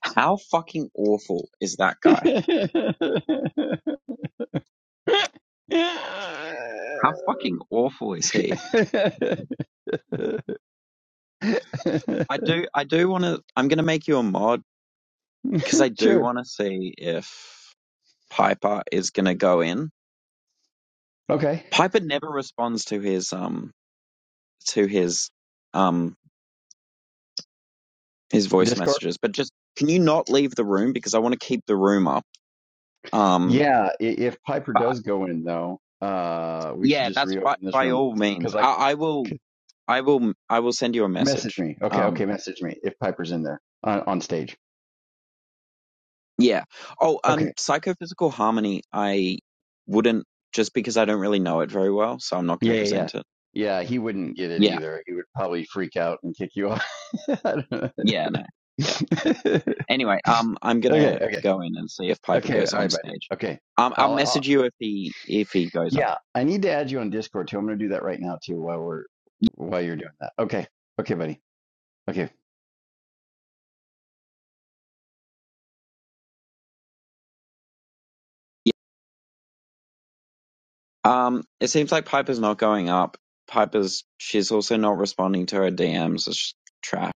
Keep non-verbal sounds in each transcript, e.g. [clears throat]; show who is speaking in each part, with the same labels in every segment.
Speaker 1: How fucking awful is that
Speaker 2: [laughs]
Speaker 1: guy? How fucking awful is he? I do, I do want to. I'm gonna make you a mod because I do
Speaker 2: sure.
Speaker 1: want to see if Piper is gonna go in.
Speaker 2: Okay.
Speaker 1: Piper never responds to his um to his um his voice
Speaker 2: Discord.
Speaker 1: messages. But just can you not leave the room because I want to keep the room up. Um,
Speaker 2: Yeah. i- If Piper
Speaker 1: but
Speaker 2: does go in, though, uh, we should
Speaker 1: yeah,
Speaker 2: just
Speaker 1: that's
Speaker 2: reopen
Speaker 1: by
Speaker 2: this
Speaker 1: by
Speaker 2: room
Speaker 1: all
Speaker 2: because
Speaker 1: means.
Speaker 2: I
Speaker 1: I, I will,
Speaker 2: could
Speaker 1: I will, I will send you a
Speaker 2: message
Speaker 1: message.
Speaker 2: me. Okay.
Speaker 1: Um.
Speaker 2: Okay. Message me if Piper's in there on, on stage.
Speaker 1: Yeah. Oh, um,
Speaker 2: Okay.
Speaker 1: psychophysical harmony. I wouldn't just because I don't really know it very well, so I'm not
Speaker 2: Yeah.
Speaker 1: going to
Speaker 2: Yeah. Yeah.
Speaker 1: present it.
Speaker 2: Yeah. He wouldn't get it
Speaker 1: Yeah.
Speaker 2: either. He would probably freak out and kick you off. [laughs] I don't know.
Speaker 1: Yeah. No. Yeah.
Speaker 2: [laughs]
Speaker 1: Anyway, um, I'm
Speaker 2: okay.
Speaker 1: gonna
Speaker 2: Okay.
Speaker 1: go in and see if Piper
Speaker 2: Okay.
Speaker 1: goes
Speaker 2: All
Speaker 1: on
Speaker 2: right, buddy.
Speaker 1: stage.
Speaker 2: Okay.
Speaker 1: Um, I'll
Speaker 2: I'll. I'll
Speaker 1: message you if he if he goes up.
Speaker 2: Yeah, I need to add you on Discord too. I'm going to do that right now too while we're while you're doing that. Okay, okay, buddy. Okay,
Speaker 1: Yeah. Um, it seems like Piper's not going up. Piper's she's also not responding to her DMs. It's trap.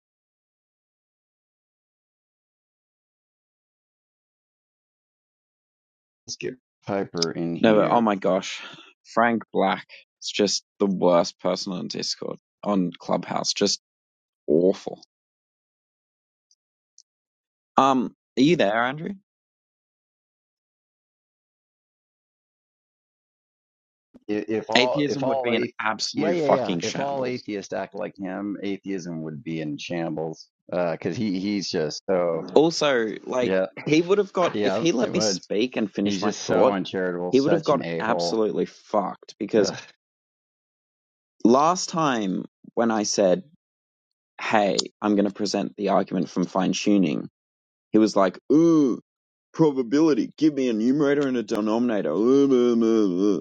Speaker 2: let's get Piper in
Speaker 1: No. But, oh
Speaker 2: here.
Speaker 1: my gosh, Frank Black. is just the worst person on Discord on Clubhouse. Just awful. Um, are you there, Andrew?
Speaker 2: I- If all if
Speaker 1: Atheism would
Speaker 2: all
Speaker 1: be an
Speaker 2: athe- yeah
Speaker 1: absolute
Speaker 2: yeah yeah
Speaker 1: fucking
Speaker 2: if all
Speaker 1: shambles.
Speaker 2: atheists act like him, atheism would be in shambles. Uh, because he he's just so
Speaker 1: Also, like,
Speaker 2: yeah
Speaker 1: he would have got, if
Speaker 2: yeah
Speaker 1: he let
Speaker 2: it
Speaker 1: me
Speaker 2: would.
Speaker 1: speak and
Speaker 2: He's
Speaker 1: finish my
Speaker 2: just so
Speaker 1: thought,
Speaker 2: uncharitable,
Speaker 1: he would have
Speaker 2: such an
Speaker 1: got
Speaker 2: a hole.
Speaker 1: absolutely fucked because
Speaker 2: Yeah
Speaker 1: last time when I said, hey, I'm going to present the argument from fine tuning, he was like, ooh, probability, give me a numerator and a denominator. [laughs]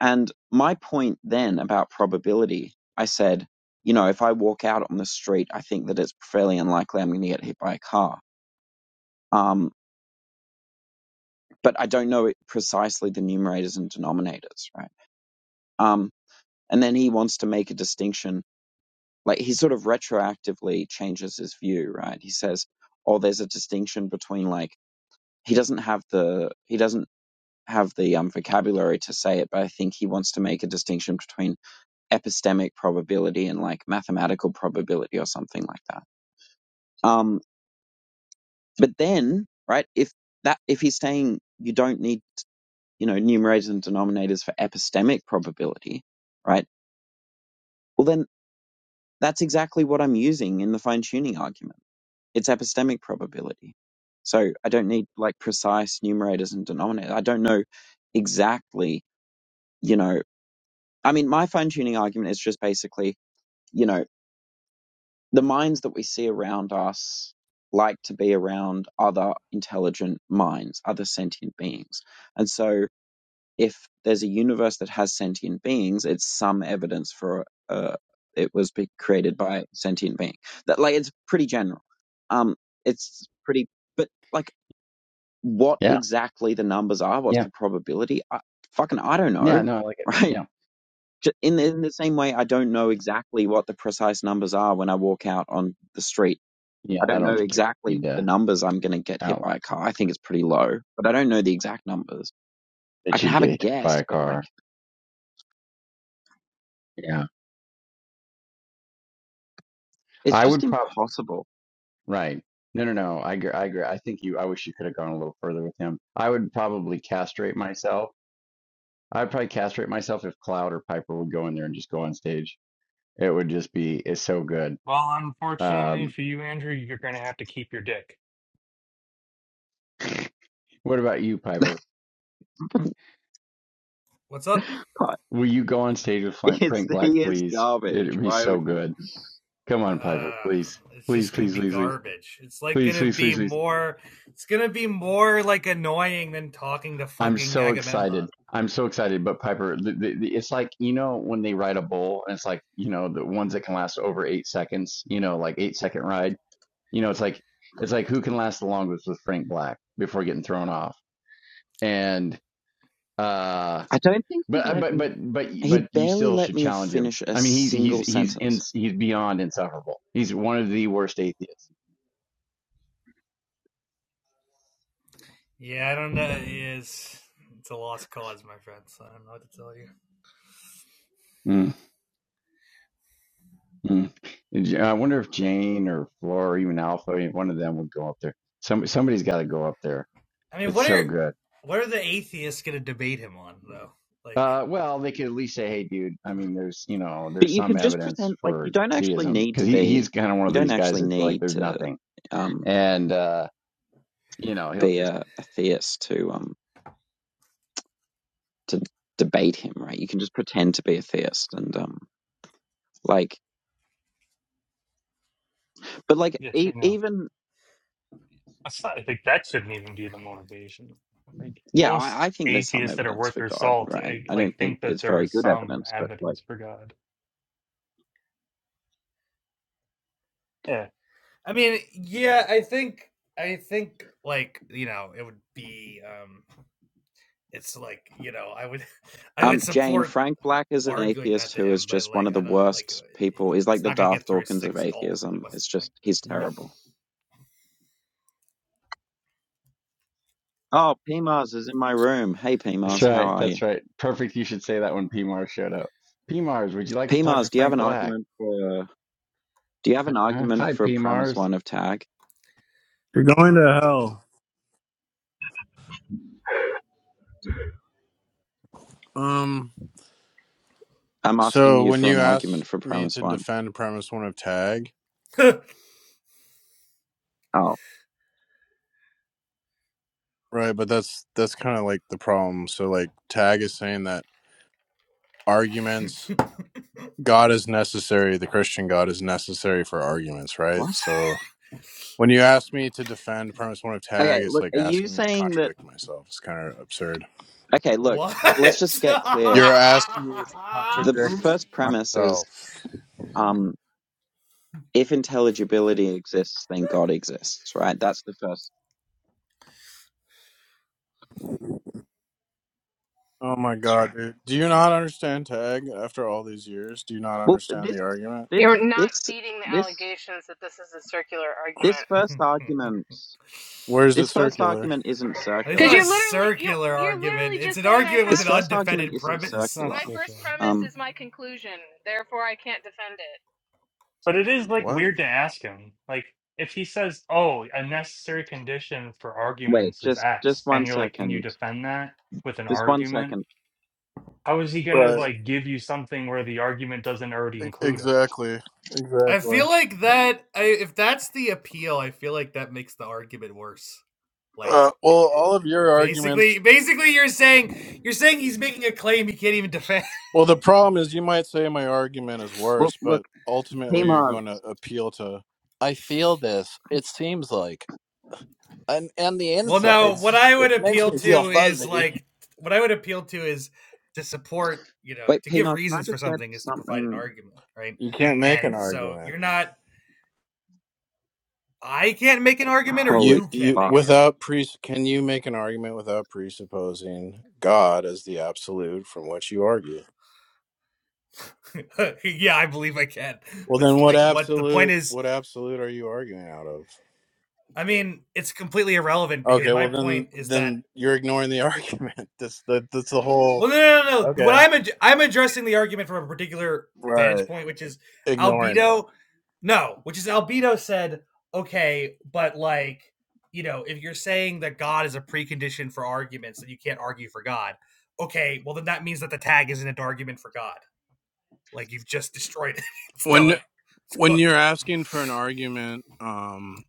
Speaker 1: And my point then about probability, I said, you know, if I walk out on the street, I think that it's fairly unlikely I'm going to get hit by a car. Um, but I don't know precisely the numerators and denominators, right? Um, and then he wants to make a distinction. Like he sort of retroactively changes his view, right? He says, oh, there's a distinction between like, he doesn't have the, he doesn't have the um, vocabulary to say it, but I think he wants to make a distinction between epistemic probability and like mathematical probability or something like that. Um, but then, right, if that if he's saying you don't need you know numerators and denominators for epistemic probability, right? Well, then that's exactly what I'm using in the fine tuning argument. It's epistemic probability. So I don't need like precise numerators and denominators. I don't know exactly, you know. I mean, my fine tuning argument is just basically, you know. The minds that we see around us like to be around other intelligent minds, other sentient beings. And so, if there's a universe that has sentient beings, it's some evidence for uh, it was be created by a sentient being. That like it's pretty general. Um, it's pretty, but like what exactly the numbers are, what's
Speaker 2: yeah
Speaker 1: the probability? I, fucking, I don't
Speaker 2: yeah
Speaker 1: know,
Speaker 2: no I like
Speaker 1: [laughs]
Speaker 2: it
Speaker 1: right?
Speaker 2: yeah
Speaker 1: Ju- In the, in the same way, I don't know exactly what the precise numbers are when I walk out on the street
Speaker 2: yeah.
Speaker 1: I
Speaker 2: I
Speaker 1: don't
Speaker 2: don't
Speaker 1: know
Speaker 2: think you really
Speaker 1: exactly
Speaker 2: need
Speaker 1: the
Speaker 2: to
Speaker 1: numbers I'm going to get hit
Speaker 2: outline
Speaker 1: by a car. I think it's pretty low, but I don't know the exact numbers. I
Speaker 2: that
Speaker 1: can
Speaker 2: you'd
Speaker 1: have a
Speaker 2: get hit by
Speaker 1: guess,
Speaker 2: a
Speaker 1: but like,
Speaker 2: car. Yeah.
Speaker 1: it's
Speaker 2: I
Speaker 1: just
Speaker 2: would
Speaker 1: impossible.
Speaker 2: Right. No, no, no. I agree. I agree. I think you, I wish you could have gone a little further with him. I would probably castrate myself. I'd probably castrate myself if Cloud or Piper would go in there and just go on stage. It would just be, it's so good.
Speaker 3: Well, unfortunately
Speaker 2: Um,
Speaker 3: for you, Andrew, you're going to have to keep your dick.
Speaker 2: what about you, Piper?
Speaker 1: [laughs]
Speaker 4: what's up?
Speaker 1: But
Speaker 2: Will you go on stage with Frank,
Speaker 1: it's,
Speaker 2: Frank Black,
Speaker 1: he is
Speaker 2: please?
Speaker 1: garbage.
Speaker 2: It'd be
Speaker 1: Why
Speaker 2: so
Speaker 1: would you?
Speaker 2: good. Come on, Piper,
Speaker 4: Uh,
Speaker 2: please.
Speaker 4: it's
Speaker 2: Please,
Speaker 4: just gonna
Speaker 2: please,
Speaker 4: be
Speaker 2: please, please,
Speaker 4: garbage. It's like
Speaker 2: please,
Speaker 4: gonna
Speaker 2: please, please,
Speaker 4: be
Speaker 2: please.
Speaker 4: more. It's gonna be more like annoying than talking to
Speaker 2: I'm
Speaker 4: fucking
Speaker 2: so
Speaker 4: Agamemnon.
Speaker 2: excited. I'm so excited. But Piper, the, the, the, it's like, you know, when they ride a bull and it's like, you know, the ones that can last over eight seconds, you know, like eight second ride, you know, it's like, it's like who can last the longest with Frank Black before getting thrown off. And, uh,
Speaker 1: I don't think he
Speaker 2: but, uh,
Speaker 1: let
Speaker 2: but,
Speaker 1: me,
Speaker 2: but, but,
Speaker 1: he
Speaker 2: but you
Speaker 1: barely
Speaker 2: still
Speaker 1: let
Speaker 2: should
Speaker 1: me
Speaker 2: challenge him.
Speaker 1: finish a
Speaker 2: I mean, he's, he's,
Speaker 1: single
Speaker 2: he's in,
Speaker 1: sentence.
Speaker 2: he's beyond insufferable. He's one of the worst atheists.
Speaker 4: Yeah, I don't know. It is it's a lost cause, my friends. I don't know what to tell you.
Speaker 2: Mm, mm. I wonder if Jane or Flora or even Alpha, one of them would go up there. Some, somebody's got to go up there
Speaker 4: I mean,
Speaker 2: It's
Speaker 4: what
Speaker 2: so
Speaker 4: are
Speaker 2: good.
Speaker 4: what are the atheists gonna debate him on though? Like,
Speaker 2: Uh, well, they could at least say, "Hey, dude." I mean, there's you know,
Speaker 1: But
Speaker 2: there's
Speaker 1: you
Speaker 2: some
Speaker 1: can just
Speaker 2: evidence
Speaker 1: pretend like you
Speaker 2: for
Speaker 1: don't actually
Speaker 2: theism
Speaker 1: need
Speaker 2: because
Speaker 1: to
Speaker 2: he he's
Speaker 1: be,
Speaker 2: kind of one
Speaker 1: you
Speaker 2: of
Speaker 1: don't
Speaker 2: these guys
Speaker 1: actually
Speaker 2: that's like,
Speaker 1: need
Speaker 2: there's
Speaker 1: to,
Speaker 2: nothing,
Speaker 1: um,
Speaker 2: and uh, you know, he'll
Speaker 1: be
Speaker 2: just.
Speaker 1: a, a theist to, um, to debate him, right? You can just pretend to be a theist and, um, like, but like
Speaker 3: Yes,
Speaker 1: e-
Speaker 3: we know.
Speaker 1: even
Speaker 3: That's not, I think that shouldn't even be the motivation. Like
Speaker 1: Yeah, I,
Speaker 3: most
Speaker 1: I think there's some
Speaker 3: atheists that are
Speaker 1: evidence
Speaker 3: worth
Speaker 1: for
Speaker 3: their
Speaker 1: God,
Speaker 3: salt,
Speaker 1: right?
Speaker 3: eh,
Speaker 1: I
Speaker 3: like
Speaker 1: don't think
Speaker 3: think that
Speaker 1: it's
Speaker 3: there
Speaker 1: very
Speaker 3: is
Speaker 1: good
Speaker 3: some
Speaker 1: evidence, but like,
Speaker 3: evidence for God. Yeah.
Speaker 4: I mean, yeah, I think I think like you know it would be um it's like you know I would [laughs] I
Speaker 1: um,
Speaker 4: would
Speaker 1: Jane,
Speaker 4: support
Speaker 1: Frank Black is an
Speaker 4: arguing
Speaker 1: atheist
Speaker 4: that to
Speaker 1: who is
Speaker 4: him, but
Speaker 1: just one
Speaker 4: like
Speaker 1: of the
Speaker 4: I don't like
Speaker 1: worst
Speaker 4: uh,
Speaker 1: people. He's like
Speaker 4: it's
Speaker 1: the
Speaker 4: not gonna
Speaker 1: Darth
Speaker 4: get through
Speaker 1: Dawkins of
Speaker 4: six goals. So, Like,
Speaker 1: atheism.
Speaker 4: what's the
Speaker 1: It's just, he's
Speaker 3: Yep.
Speaker 1: terrible. Oh, P Mars is in my room. Hey, P
Speaker 2: That's
Speaker 1: Mars, how
Speaker 2: right.
Speaker 1: are you?
Speaker 2: That's right. Perfect. You should say that when P Mars showed up. P Mars, would you like to
Speaker 1: P
Speaker 2: talk to
Speaker 1: Mars, do you have
Speaker 2: Frank
Speaker 1: an
Speaker 2: Black?
Speaker 1: argument for, do you have an
Speaker 2: Huh?
Speaker 1: argument
Speaker 2: Hi,
Speaker 1: for
Speaker 2: P
Speaker 1: premise
Speaker 2: Mars.
Speaker 1: one of tag?
Speaker 5: You're going to hell. Um.
Speaker 1: I'm asking
Speaker 5: So
Speaker 1: you
Speaker 5: when
Speaker 1: for
Speaker 5: you
Speaker 1: an
Speaker 5: ask
Speaker 1: argument for
Speaker 5: me
Speaker 1: premise
Speaker 5: to
Speaker 1: one.
Speaker 5: defend premise one of tag,
Speaker 4: point?
Speaker 1: Oh,
Speaker 5: right? But that's that's kind of like the problem. So like tag is saying that arguments, God is necessary. The Christian God is necessary for arguments, right?
Speaker 1: what?
Speaker 5: So when you ask me to defend premise one of
Speaker 1: Okay,
Speaker 5: tag, it's
Speaker 1: look,
Speaker 5: like
Speaker 1: are you
Speaker 5: asking me to
Speaker 1: saying that,
Speaker 5: contradict myself. It's kind of absurd.
Speaker 4: [laughs]
Speaker 1: okay, look,
Speaker 4: what? [laughs]
Speaker 1: let's just get clear
Speaker 5: You're asking me to
Speaker 1: the
Speaker 5: contradict
Speaker 1: first premise is
Speaker 5: myself.
Speaker 1: um, if intelligibility exists, then God exists, right? That's the first.
Speaker 5: Oh my god, dude. Do you not understand tag after all these years? Do you not
Speaker 1: Well,
Speaker 5: understand
Speaker 1: this,
Speaker 5: the argument?
Speaker 1: this,
Speaker 6: You're not
Speaker 1: this,
Speaker 6: beating the
Speaker 1: this,
Speaker 6: allegations that this is a circular
Speaker 1: this
Speaker 6: argument.
Speaker 1: first argument,
Speaker 5: Where is it
Speaker 1: this first
Speaker 5: circular?
Speaker 1: argument isn't
Speaker 4: it's
Speaker 6: Because
Speaker 4: not a
Speaker 6: you're
Speaker 1: circular.
Speaker 6: literally you
Speaker 4: circular
Speaker 6: you're
Speaker 4: argument.
Speaker 6: literally
Speaker 4: It's
Speaker 6: just
Speaker 4: an
Speaker 6: saying I
Speaker 4: argument with
Speaker 1: This
Speaker 6: have
Speaker 4: an
Speaker 1: first argument
Speaker 4: undefended
Speaker 1: isn't
Speaker 3: It's
Speaker 4: premise.
Speaker 3: not
Speaker 1: circular.
Speaker 6: my first
Speaker 3: social.
Speaker 6: premise
Speaker 1: Um,
Speaker 6: is my conclusion, therefore I can't defend it.
Speaker 3: But it is like
Speaker 5: What?
Speaker 3: weird to ask him. Like if he says, "Oh, a necessary condition for
Speaker 1: wait,
Speaker 3: arguments is
Speaker 1: just, just
Speaker 3: X,"
Speaker 1: one
Speaker 3: and you're like, "Can you
Speaker 1: second.
Speaker 3: defend that with an
Speaker 1: Just one
Speaker 3: argument?"
Speaker 1: second.
Speaker 3: How is he gonna
Speaker 5: Right.
Speaker 3: like give you something where the argument doesn't already
Speaker 5: E-
Speaker 3: include it?
Speaker 5: Exactly.
Speaker 4: I
Speaker 5: Exactly.
Speaker 4: feel like that. I, if that's the appeal, I feel like that makes the argument worse. Like
Speaker 5: Uh, well, all of your arguments.
Speaker 4: basically, basically, you're saying you're saying he's making a claim he can't even defend.
Speaker 5: Well, the problem is you might say my argument is
Speaker 1: Well,
Speaker 5: worse,
Speaker 1: look,
Speaker 5: but ultimately you're
Speaker 1: Pima,
Speaker 5: going to appeal to. I feel this. It seems like, and and the
Speaker 4: Well, no, what
Speaker 5: insides.
Speaker 4: I
Speaker 5: It
Speaker 4: would
Speaker 5: makes
Speaker 4: appeal
Speaker 5: me feel
Speaker 4: to is
Speaker 5: fuzzy.
Speaker 4: like what I would appeal to is to support, you know,
Speaker 1: wait,
Speaker 4: to give
Speaker 1: Pima, can I
Speaker 4: reasons for
Speaker 1: just get
Speaker 4: something is to provide an
Speaker 1: something?
Speaker 4: argument, right?
Speaker 5: You can't make an
Speaker 4: And so
Speaker 5: argument.
Speaker 4: you're not I can't make an argument or
Speaker 5: You
Speaker 1: Holy
Speaker 4: you can't
Speaker 5: you
Speaker 4: make
Speaker 1: fuck.
Speaker 4: an
Speaker 5: without
Speaker 4: argument.
Speaker 5: pre. Can you make an argument without presupposing God as the absolute from which you argue?
Speaker 4: [laughs] yeah, I believe I can.
Speaker 5: Well,
Speaker 4: But
Speaker 5: then what
Speaker 4: like what the point
Speaker 5: absolute
Speaker 4: is,
Speaker 5: what absolute are you arguing out of?
Speaker 4: I mean, it's completely irrelevant because
Speaker 5: Okay,
Speaker 4: my
Speaker 5: well then
Speaker 4: point is that
Speaker 5: then you're ignoring the [laughs] argument. That's the that's the whole
Speaker 4: Well, no, no, no. no. What
Speaker 5: okay
Speaker 4: I'm ad- I'm addressing the argument from a particular vantage
Speaker 5: right
Speaker 4: point, which is
Speaker 5: ignoring it
Speaker 4: albedo. No, which is albedo said, okay, but like, you know, if you're saying that God is a precondition for arguments, then you can't argue for God. Okay, well then that means that the tag isn't an argument for God. Like you've just destroyed it. [laughs] It's
Speaker 5: when
Speaker 4: done. It's
Speaker 5: when you're
Speaker 4: cooked.
Speaker 5: asking for an argument um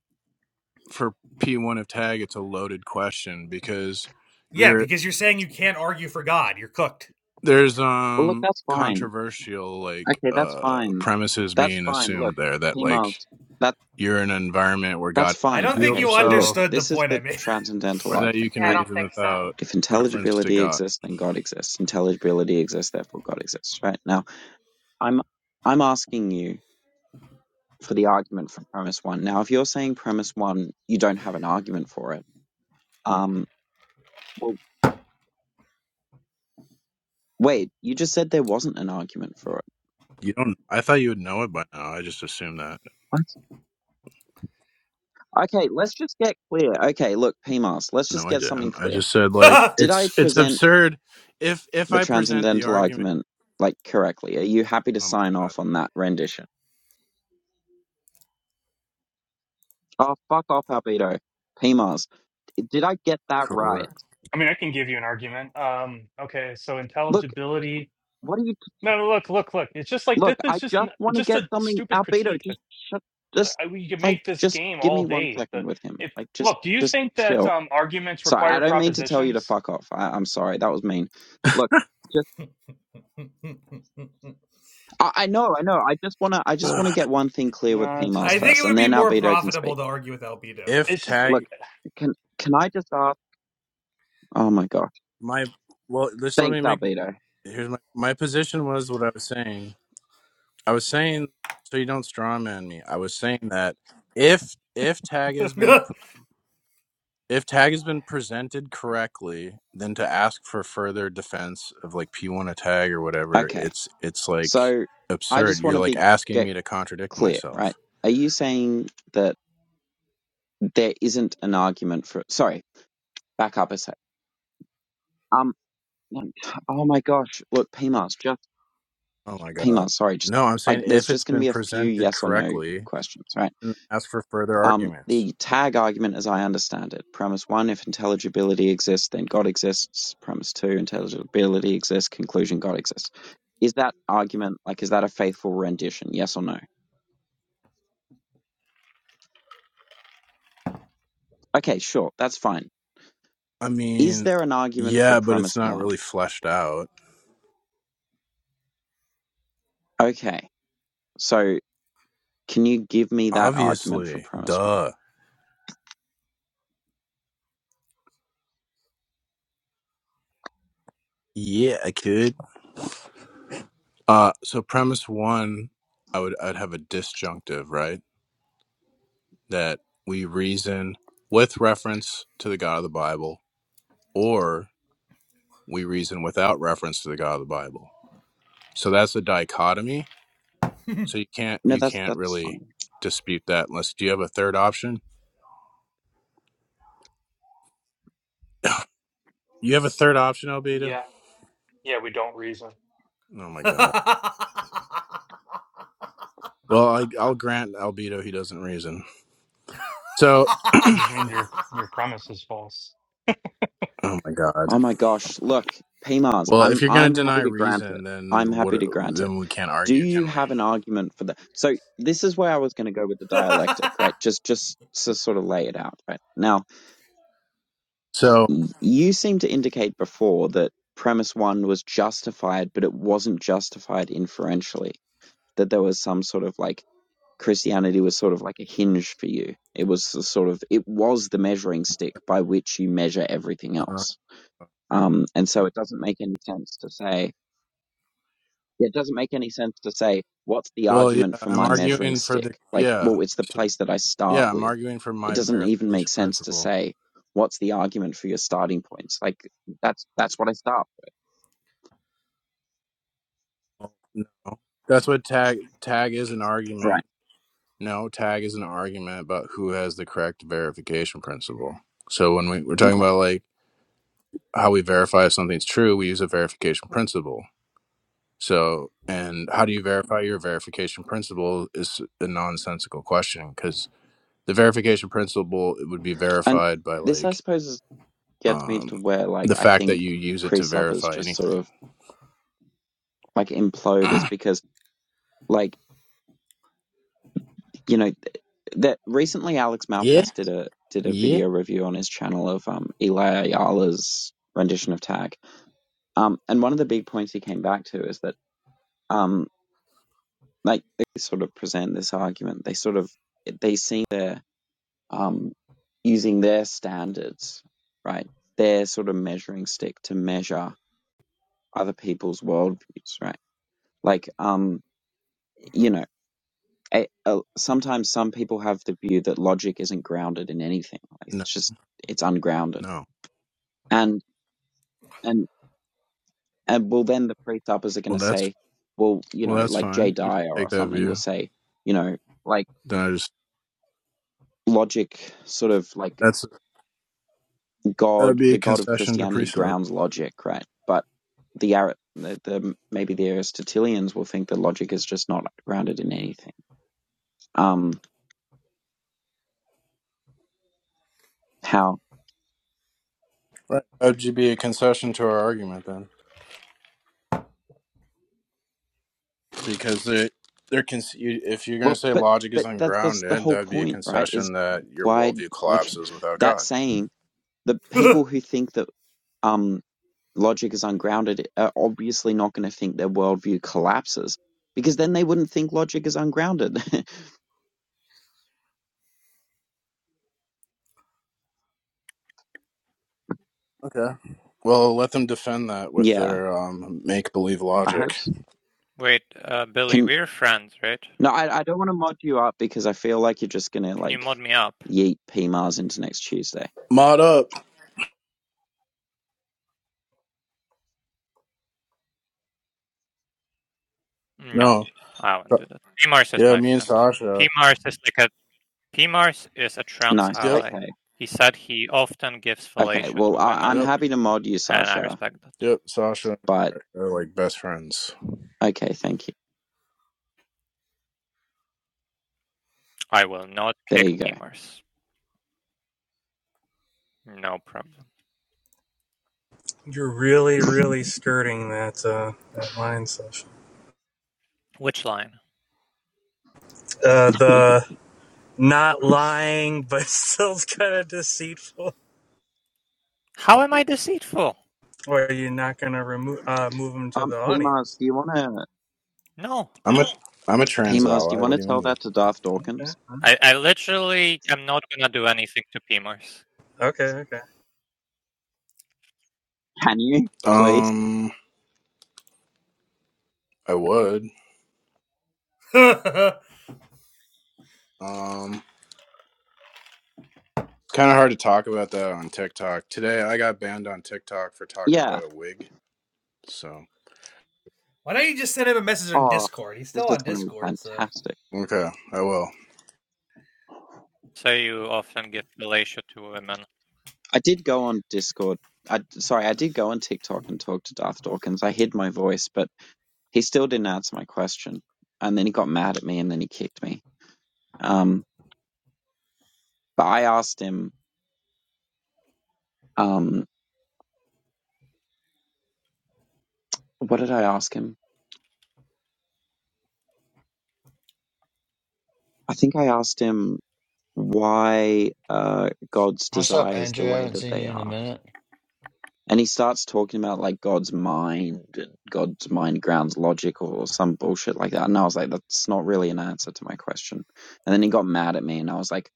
Speaker 5: for p1 of tag it's a loaded question because
Speaker 4: Yeah,
Speaker 5: you're
Speaker 4: because you're saying you can't argue for God. You're cooked.
Speaker 5: there's
Speaker 1: Well, look,
Speaker 5: um
Speaker 1: that's fine.
Speaker 5: controversial like
Speaker 1: Okay, that's
Speaker 5: uh
Speaker 1: fine.
Speaker 5: premises
Speaker 1: That's
Speaker 5: being
Speaker 1: fine.
Speaker 5: assumed
Speaker 1: Look,
Speaker 5: there that
Speaker 1: Pima's,
Speaker 5: like
Speaker 1: that's
Speaker 5: you're in an environment where
Speaker 1: That's
Speaker 5: god
Speaker 4: I
Speaker 1: fine.
Speaker 4: don't think
Speaker 5: revealed
Speaker 1: Okay,
Speaker 4: you
Speaker 1: so look,
Speaker 5: himself
Speaker 4: understood the
Speaker 1: this is
Speaker 4: point
Speaker 1: the transcendental
Speaker 5: or that you
Speaker 1: argument,
Speaker 5: can
Speaker 6: Yeah, I
Speaker 1: right?
Speaker 6: don't
Speaker 5: reason
Speaker 6: think so.
Speaker 5: without
Speaker 1: If
Speaker 5: reference to
Speaker 1: intelligibility
Speaker 5: God.
Speaker 1: exists, then God exists. Intelligibility exists, therefore God exists, right? Now, I'm I'm asking you for the argument from premise one. Now, if you're saying premise one, you don't have an argument for it. Um, well, wait, you just said there wasn't an argument for it.
Speaker 5: You don't. I thought you would know it by now. I just assumed that.
Speaker 1: What? Okay, let's just get clear. Okay, look, PMAS, let's just
Speaker 5: No, I
Speaker 1: get something
Speaker 5: didn't. I
Speaker 1: clear.
Speaker 5: just said like
Speaker 4: I
Speaker 1: Did I
Speaker 5: it's it's
Speaker 1: present
Speaker 5: absurd. If if
Speaker 1: the
Speaker 5: I present the
Speaker 1: transcendental
Speaker 5: argument,
Speaker 1: argument like correctly? Are you happy to
Speaker 5: oh
Speaker 1: sign
Speaker 5: my god,
Speaker 1: off on that rendition? Oh, fuck off, Albedo. Mars, Did I get that right?
Speaker 5: correct.
Speaker 3: I mean, I can give you an argument. Um, okay, so
Speaker 1: Look,
Speaker 3: intelligibility.
Speaker 1: what are you?
Speaker 3: No, no, look, look, look. It's just like
Speaker 1: Look,
Speaker 3: this is
Speaker 1: I
Speaker 3: just n-
Speaker 1: just want to
Speaker 3: just
Speaker 1: get
Speaker 3: a
Speaker 1: something.
Speaker 3: stupid
Speaker 1: Albedo,
Speaker 3: critique that
Speaker 1: just shut.
Speaker 3: uh,
Speaker 1: Just
Speaker 3: we can
Speaker 1: like,
Speaker 3: make this
Speaker 1: just
Speaker 3: game
Speaker 1: give
Speaker 3: all
Speaker 1: me one
Speaker 3: day. The
Speaker 1: second with him.
Speaker 3: if
Speaker 1: Like, just,
Speaker 3: look, do you
Speaker 1: just
Speaker 3: think that
Speaker 1: chill.
Speaker 3: um, arguments
Speaker 1: Sorry,
Speaker 3: require
Speaker 1: I don't mean to tell you to
Speaker 3: propositions?
Speaker 1: fuck off. I, I'm sorry, that was mean. Look, just.
Speaker 4: made. [laughs]
Speaker 1: I, I know, I know. I just wanna, I just wanna
Speaker 5: [sighs]
Speaker 1: get one thing clear with
Speaker 3: No,
Speaker 1: P
Speaker 3: it's
Speaker 1: Mars
Speaker 4: I
Speaker 3: fine.
Speaker 4: think it
Speaker 1: first,
Speaker 4: would
Speaker 1: and
Speaker 4: be
Speaker 1: then
Speaker 4: more
Speaker 1: Albedo can
Speaker 4: profitable
Speaker 1: speak.
Speaker 4: to argue with Albedo,
Speaker 5: if
Speaker 4: but
Speaker 3: It's just like,
Speaker 1: Look,
Speaker 5: tag
Speaker 1: can can I just ask? Oh my gosh,
Speaker 5: my well, just let
Speaker 1: thanks,
Speaker 5: me make
Speaker 1: Albedo.
Speaker 5: here's my my position was what I was saying. I was saying so you don't strawman me. I was saying that if if tag has been
Speaker 4: [laughs]
Speaker 5: if tag has been presented correctly, then to ask for further defense of like P1 a tag or whatever,
Speaker 1: Okay,
Speaker 5: it's it's like
Speaker 1: so I
Speaker 5: absurd.
Speaker 1: just want
Speaker 5: You're
Speaker 1: to
Speaker 5: like
Speaker 1: be.
Speaker 5: asking me to contradict
Speaker 1: clear, right?
Speaker 5: myself.
Speaker 1: Are you saying that there isn't an argument for? Sorry, back up a sec. Um, [sighs] oh my gosh, look, PMAS, just
Speaker 5: Oh my god.
Speaker 1: PMAS. Sorry, just
Speaker 5: No, I'm
Speaker 1: like
Speaker 5: saying
Speaker 1: there's
Speaker 5: if it's
Speaker 1: just going to
Speaker 5: been
Speaker 1: be a few
Speaker 5: presented
Speaker 1: yes or no
Speaker 5: correctly,
Speaker 1: questions, right?
Speaker 5: then ask for further
Speaker 1: Um,
Speaker 5: arguments.
Speaker 1: the tag argument, as I understand it, premise one: if intelligibility exists, then God exists. Premise two: intelligibility exists. Conclusion: God exists. Is that argument like is that a faithful rendition? Yes or no? Okay, sure, that's fine.
Speaker 5: I
Speaker 1: Is
Speaker 5: mean,
Speaker 1: there an argument for
Speaker 5: yeah, but it's
Speaker 1: premise
Speaker 5: not
Speaker 1: one?
Speaker 5: really fleshed out.
Speaker 1: Okay, So can you give me that argument for
Speaker 5: Obviously.
Speaker 1: premise one?
Speaker 5: Duh. Yeah, I could. Uh, so premise one, I would I'd have a disjunctive, right? That we reason with reference to the God of the Bible, or we reason without reference to the God of the Bible. So that's a dichotomy. So you can't
Speaker 1: No,
Speaker 5: you
Speaker 1: that's
Speaker 5: can't
Speaker 1: that's
Speaker 5: really
Speaker 1: fine.
Speaker 5: dispute that unless do you have a third option? You have a third option,
Speaker 3: [laughs]
Speaker 5: Albedo?
Speaker 3: yeah, yeah, we don't reason.
Speaker 5: Oh my god. Well, I, I'll grant Albedo he doesn't reason. So,
Speaker 3: I just mean your your premise is false.
Speaker 5: oh my god.
Speaker 1: Oh my gosh, look, PMARS,
Speaker 5: Well, if
Speaker 1: I'm
Speaker 5: you're going
Speaker 1: I'm
Speaker 5: to deny
Speaker 1: happy to grant it.
Speaker 5: reason,
Speaker 1: I'm
Speaker 5: then what?
Speaker 1: happy to grant it.
Speaker 5: Then we can't
Speaker 1: Do
Speaker 5: argue,
Speaker 1: you
Speaker 5: can we?
Speaker 1: have an argument for that? So this is where I was going to go with the dialectic, right? Just just to sort of lay it out, right? Now
Speaker 5: So,
Speaker 1: You seem to indicate before that premise one was justified, but it wasn't justified inferentially. That there was some sort of like Christianity was sort of like a hinge for you. It was the sort of it was the measuring stick by which you measure everything
Speaker 5: uh,
Speaker 1: else. Um, and so it doesn't make any sense to say it doesn't make any sense to say, what's the
Speaker 5: Well, yeah,
Speaker 1: argument for
Speaker 5: I'm
Speaker 1: my measuring
Speaker 5: arguing for the
Speaker 1: stick? Like,
Speaker 5: yeah,
Speaker 1: well, it's the
Speaker 5: so,
Speaker 1: place that I start
Speaker 5: yeah, I'm
Speaker 1: with.
Speaker 5: arguing for
Speaker 1: It
Speaker 5: my
Speaker 1: doesn't even make
Speaker 5: verification
Speaker 1: sense to
Speaker 5: principle.
Speaker 1: say, what's the argument for your starting points? Like, that's, that's what I start with.
Speaker 5: Well, No, that's what tag tag is an
Speaker 1: Right.
Speaker 5: argument. No, tag is an argument about who has the correct verification principle. So when we, we're talking
Speaker 1: Okay.
Speaker 5: about like how we verify if something's true, we use a verification principle. So and how do you verify your verification principle is a nonsensical question because the verification principle it would be
Speaker 1: And
Speaker 5: verified by
Speaker 1: this, I
Speaker 5: like
Speaker 1: suppose, is, gets me to
Speaker 5: Um,
Speaker 1: where,
Speaker 5: the
Speaker 1: like, I
Speaker 5: fact that
Speaker 1: think
Speaker 5: you use it to
Speaker 1: presuppers
Speaker 5: verify
Speaker 1: just sort
Speaker 5: anything.
Speaker 1: of, like, implode is
Speaker 5: [clears throat]
Speaker 1: because, like, you know, th- that recently Alex
Speaker 5: Yeah,
Speaker 1: Malpass did a, did a
Speaker 5: yeah.
Speaker 1: video review on his channel of, um, Eli Ayala's rendition of Tag Um, and one of the big points he came back to is that, um, like they sort of present this argument, they sort of they seem they're um, using their standards, right? Their sort of measuring stick to measure other people's worldviews, right? Like, um, you know, a, a, sometimes some people have the view that logic isn't grounded in anything; like,
Speaker 5: No,
Speaker 1: it's just it's ungrounded,
Speaker 5: no.
Speaker 1: and and And well, then the priest uppers are going
Speaker 5: Well,
Speaker 1: to
Speaker 5: that's
Speaker 1: say, well, you
Speaker 5: well,
Speaker 1: know,
Speaker 5: that's
Speaker 1: like Jay
Speaker 5: fine. You can
Speaker 1: Dyer
Speaker 5: take
Speaker 1: or
Speaker 5: that
Speaker 1: something will
Speaker 5: view.
Speaker 1: say, you know, like
Speaker 5: Then I just
Speaker 1: logic, sort of like
Speaker 5: that's that would
Speaker 1: God,
Speaker 5: be a
Speaker 1: the God of
Speaker 5: concession to
Speaker 1: Christianity
Speaker 5: precept.
Speaker 1: grounds logic, right? But the Ar- the, the maybe the Aristotelians will think that logic is just not grounded in anything. Um, how?
Speaker 5: Right. That would be a concession to our argument then, because they they're con- you, if you're going
Speaker 1: Well,
Speaker 5: to say
Speaker 1: but
Speaker 5: logic is
Speaker 1: but that's that's the
Speaker 5: ungrounded,
Speaker 1: whole
Speaker 5: that would be a
Speaker 1: point, right? Is
Speaker 5: concession that your
Speaker 1: why
Speaker 5: worldview
Speaker 1: like
Speaker 5: collapses without
Speaker 1: that
Speaker 5: God.
Speaker 1: saying the people who think that um logic is ungrounded are obviously not going to think their worldview collapses because then they wouldn't think logic is ungrounded.
Speaker 5: Okay. Well, let them defend that
Speaker 1: [laughs]
Speaker 5: with
Speaker 1: yeah,
Speaker 5: their um, make believe
Speaker 1: I hope.
Speaker 5: logic.
Speaker 1: s-
Speaker 7: Wait, uh, Billy,
Speaker 1: Can
Speaker 7: we're friends, right?
Speaker 1: no, I, I don't want to mod you up because I feel like you're just going to
Speaker 7: Can you
Speaker 1: like
Speaker 7: mod me up?
Speaker 1: yeet P Mars into next Tuesday.
Speaker 5: Mod up.
Speaker 7: No,
Speaker 5: No.
Speaker 7: I won't
Speaker 5: Uh,
Speaker 7: do that. Pmars is
Speaker 5: Yeah,
Speaker 7: my
Speaker 5: me and
Speaker 7: friend.
Speaker 5: Sasha.
Speaker 7: Pmars is like a Pmars is a trans
Speaker 1: Nice.
Speaker 5: Yep,
Speaker 7: ally.
Speaker 1: Okay.
Speaker 7: He said he often gives
Speaker 1: Okay.
Speaker 7: fellatio
Speaker 1: Well,
Speaker 7: to
Speaker 1: I, I'm
Speaker 7: women,
Speaker 5: yep,
Speaker 1: happy to mod you,
Speaker 7: and I
Speaker 1: Sasha.
Speaker 7: respect that.
Speaker 5: yep. Sasha and
Speaker 1: But
Speaker 5: I are like best friends.
Speaker 1: okay, thank you.
Speaker 7: I will not
Speaker 1: There
Speaker 7: kick
Speaker 1: you go.
Speaker 7: Pmars. No problem.
Speaker 3: You're really,
Speaker 1: [laughs]
Speaker 3: really skirting that uh, that line, Sasha.
Speaker 7: Which line?
Speaker 3: Uh, the not lying but [laughs] still kind of deceitful.
Speaker 7: How am I deceitful?
Speaker 3: Or you are not going to remove uh, move them to
Speaker 1: Um,
Speaker 3: the
Speaker 1: P Mars,
Speaker 3: audience?
Speaker 1: do you want to
Speaker 7: No,
Speaker 5: I'm a I'm a
Speaker 1: P
Speaker 5: trans
Speaker 1: Mars? Do you
Speaker 5: ally.
Speaker 1: want
Speaker 5: What
Speaker 1: to
Speaker 5: do you
Speaker 1: tell
Speaker 5: mean?
Speaker 1: that to Darth
Speaker 3: Okay.
Speaker 1: Dawkins?
Speaker 7: I, I literally am not gonna do anything to Pmars.
Speaker 3: Okay. Okay.
Speaker 1: Can you please?
Speaker 5: Um, I would. Um, kind of hard to talk about that on TikTok today. I got banned on TikTok for talking
Speaker 1: Yeah.
Speaker 5: about a wig. So
Speaker 4: why don't you just send him a message on
Speaker 1: Oh,
Speaker 4: Discord? He's
Speaker 1: this
Speaker 4: still
Speaker 1: is
Speaker 4: on
Speaker 1: going to be
Speaker 4: Discord, so
Speaker 1: fantastic.
Speaker 5: okay, I will.
Speaker 7: So you often give fellatio to women.
Speaker 1: I did go on Discord. I sorry, I did go on TikTok and talk to Darth Dawkins. I hid my voice, but he still didn't answer my question. And then he got mad at me, and then he kicked me. Um, but I asked him. Um, what did I ask him? I think I asked him why uh, God's
Speaker 8: What's up,
Speaker 1: desires
Speaker 8: Andrew?
Speaker 1: the
Speaker 8: I
Speaker 1: way
Speaker 8: haven't
Speaker 1: that
Speaker 8: seen
Speaker 1: they
Speaker 8: you in
Speaker 1: are.
Speaker 8: a minute.
Speaker 1: And he starts talking about like God's mind and God's mind grounds logic or some bullshit like that. And I was like, that's not really an answer to my question. And then he got mad at me and I was like,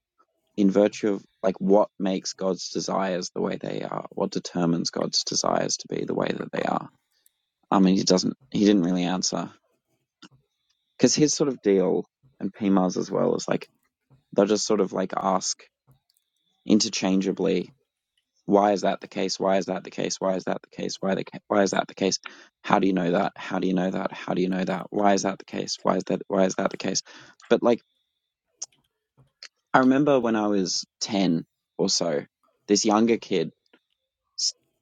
Speaker 1: in virtue of like what makes God's desires the way they are? What determines God's desires to be the way that they are? I mean, he doesn't, he didn't really answer. Cause his sort of deal and PMA's as well is like, they'll just sort of like ask interchangeably Why is that the case? Why is that the case? Why is that the case? Why the ca- why is that the case? How do you know that? How do you know that? How do you know that? Why is that the case? Why is that why is that the case? But like I remember when I was 10 or so, this younger kid,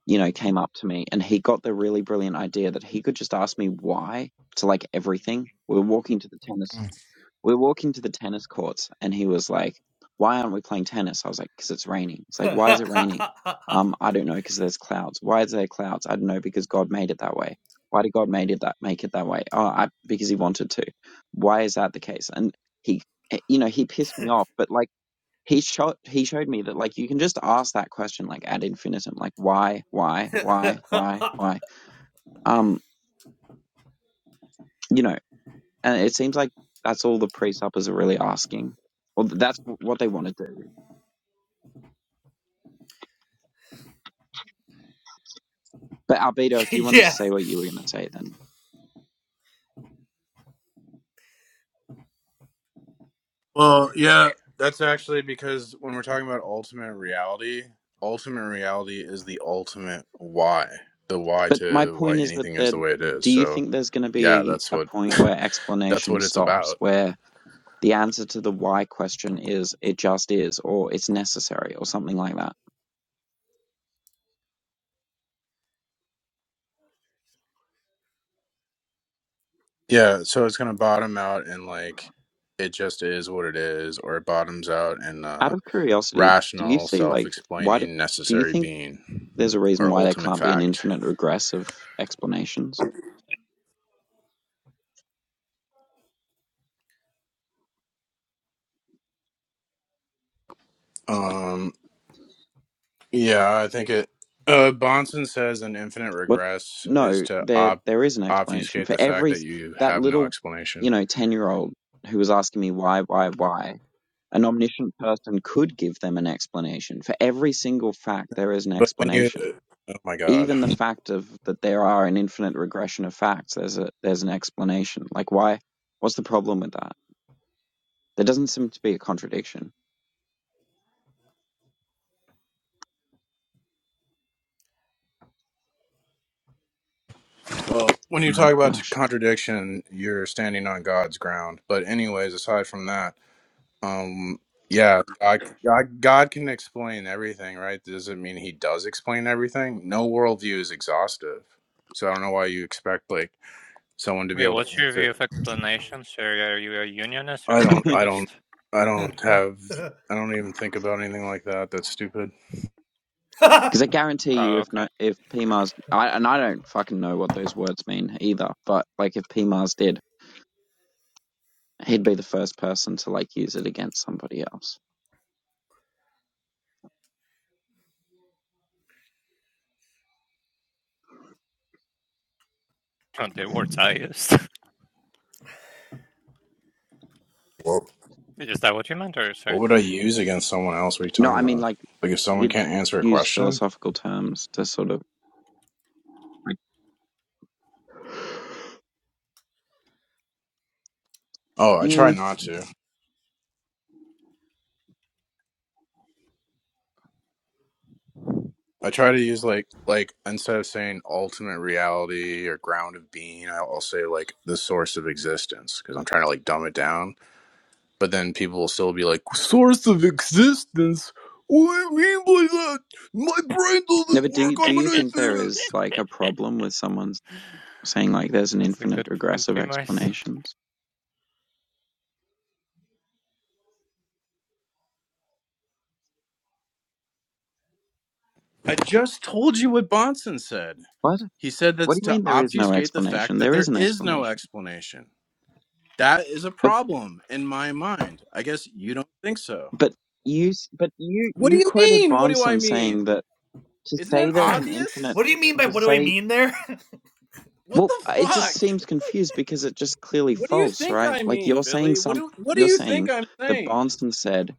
Speaker 1: you know, came up to me and he got the really brilliant idea that he could just ask me why to like everything. We were walking to the tennis we're walking to the tennis courts, and he was like, "Why aren't we playing tennis?" I was like, "Because it's raining." It's
Speaker 4: [laughs]
Speaker 1: like, "Why is it raining?" Um, I don't know, because there's clouds. Why is there clouds? I don't know, because God made it that way. Why did God made it that make it that way? Oh, I, because He wanted to. Why is that the case? And he, eh, you know, he pissed me off, but like he showed he showed me that like you can just ask that question like ad infinitum, like why, why, why, why, why. Um, you know. And it seems like that's all the pre-suppers are really asking. Well, that's what they want to do. But Albedo, if you wanted to
Speaker 4: yeah.
Speaker 1: say what you were going to say, then.
Speaker 5: Well, yeah, that's actually because when we're talking about ultimate reality, ultimate reality is the ultimate why. The why
Speaker 1: But my
Speaker 5: to why
Speaker 1: point is that
Speaker 5: anything is the
Speaker 1: the.
Speaker 5: way it is.
Speaker 1: Do you
Speaker 5: So
Speaker 1: think there's going to
Speaker 5: yeah,
Speaker 1: be
Speaker 5: that's
Speaker 1: a
Speaker 5: what
Speaker 1: point where
Speaker 5: [laughs] that's
Speaker 1: explanation
Speaker 5: what it's
Speaker 1: stops,
Speaker 5: about.
Speaker 1: where the answer to the why question is it just is, or it's necessary, or something like that?
Speaker 5: Yeah, so it's gonna bottom out and like it just is what it is, or it bottoms out in
Speaker 1: Out
Speaker 5: uh
Speaker 1: of curiosity, do you
Speaker 5: rational,
Speaker 1: see
Speaker 5: self
Speaker 1: like why do,
Speaker 5: explaining,
Speaker 1: do you
Speaker 5: necessary
Speaker 1: think
Speaker 5: being
Speaker 1: there's a reason
Speaker 5: or
Speaker 1: why there
Speaker 5: ultimate
Speaker 1: can't be an
Speaker 5: fact.
Speaker 1: infinite regress of explanations?
Speaker 5: Um yeah, I think it uh Bonson says an infinite
Speaker 1: What?
Speaker 5: regress is
Speaker 1: No,
Speaker 5: to
Speaker 1: there
Speaker 5: op
Speaker 1: there is an explanation
Speaker 5: obfuscate
Speaker 1: for
Speaker 5: the fact
Speaker 1: every
Speaker 5: that you
Speaker 1: that
Speaker 5: have no
Speaker 1: little, you
Speaker 5: explanation.
Speaker 1: know, ten year old who was asking me why, why, why. An omniscient person could give them an explanation for every single fact. There is an
Speaker 5: But when you
Speaker 1: explanation.
Speaker 5: oh my god.
Speaker 1: Even the fact of that there are an infinite regression of facts. There's a there's an explanation. Like why? What's the problem with that? There doesn't seem to be a contradiction.
Speaker 5: Well when you
Speaker 1: Oh
Speaker 5: talk about
Speaker 1: gosh,
Speaker 5: contradiction, you're standing on God's ground. But anyways, aside from that Um, yeah, God, God, God can explain everything, right? Doesn't mean He does explain everything. No worldview is exhaustive, so I don't know why you expect like someone to be
Speaker 7: Wait,
Speaker 5: able to
Speaker 7: what's your view
Speaker 5: answer.
Speaker 7: of explanation? So are you a unionist or
Speaker 1: [laughs]
Speaker 5: I don't, I
Speaker 1: because
Speaker 5: don't,
Speaker 7: separatist?
Speaker 5: I don't have, I don't even think about anything like that. That's stupid.
Speaker 1: I
Speaker 4: [laughs]
Speaker 1: guarantee you,
Speaker 7: Oh,
Speaker 1: if
Speaker 7: okay.
Speaker 1: no, if PMARS, I, and I don't fucking know what those words mean either, but like if P Mars did. He'd be the first person to like use it against somebody else.
Speaker 7: Oh, the words I used. [laughs]
Speaker 5: Well,
Speaker 7: Is that what you meant, or
Speaker 5: what
Speaker 7: sorry?
Speaker 5: would I use against someone else? What are you
Speaker 1: No,
Speaker 5: talking
Speaker 1: I mean
Speaker 5: about?
Speaker 1: like
Speaker 5: Like if someone
Speaker 1: you'd
Speaker 5: can't answer a
Speaker 1: use
Speaker 5: question?
Speaker 1: philosophical terms to sort of like.
Speaker 5: Oh, I try
Speaker 1: Mm,
Speaker 5: not to. I try to use like like instead of saying ultimate reality or ground of being, I'll say like the source of existence because I'm trying to like dumb it down. But then people will still be like, source of existence. What do you mean by that? My brain
Speaker 1: no,
Speaker 5: doesn't
Speaker 1: but do
Speaker 5: work.
Speaker 1: do
Speaker 5: I'm an
Speaker 1: you think there
Speaker 5: atheist.
Speaker 1: is like a problem with someone saying like there's an
Speaker 7: That's a
Speaker 1: infinite
Speaker 7: good point,
Speaker 1: regress of
Speaker 7: P-Mice.
Speaker 1: explanations?
Speaker 5: I just told you what Bonson said.
Speaker 1: What?
Speaker 5: He said
Speaker 1: What
Speaker 5: that's
Speaker 1: do you
Speaker 5: to
Speaker 1: mean there is no
Speaker 5: obfuscate the fact
Speaker 1: explanation?
Speaker 5: that
Speaker 1: There
Speaker 5: there
Speaker 1: is an
Speaker 5: is no
Speaker 1: explanation.
Speaker 5: explanation. That is a
Speaker 1: But
Speaker 5: problem in my mind. I guess you don't think so.
Speaker 1: but you s- but you
Speaker 5: What do
Speaker 1: you
Speaker 5: you
Speaker 1: quoted
Speaker 5: mean? What do I
Speaker 1: Bronson
Speaker 5: mean?
Speaker 1: saying that to
Speaker 5: Isn't it
Speaker 1: say there's an infinite
Speaker 5: obvious?
Speaker 4: what do you mean by
Speaker 1: to
Speaker 4: what do I
Speaker 1: say
Speaker 4: mean there?
Speaker 5: What
Speaker 1: Well,
Speaker 5: the
Speaker 1: it just
Speaker 5: fuck?
Speaker 1: seems confused because it just clearly
Speaker 5: What do you
Speaker 1: false,
Speaker 5: think
Speaker 1: right?
Speaker 5: I
Speaker 1: Like
Speaker 5: mean,
Speaker 1: you're saying
Speaker 5: Billy? What
Speaker 1: some,
Speaker 5: do What do
Speaker 1: you're
Speaker 5: you think
Speaker 1: saying
Speaker 5: I'm
Speaker 1: that
Speaker 5: saying?
Speaker 1: Barnson said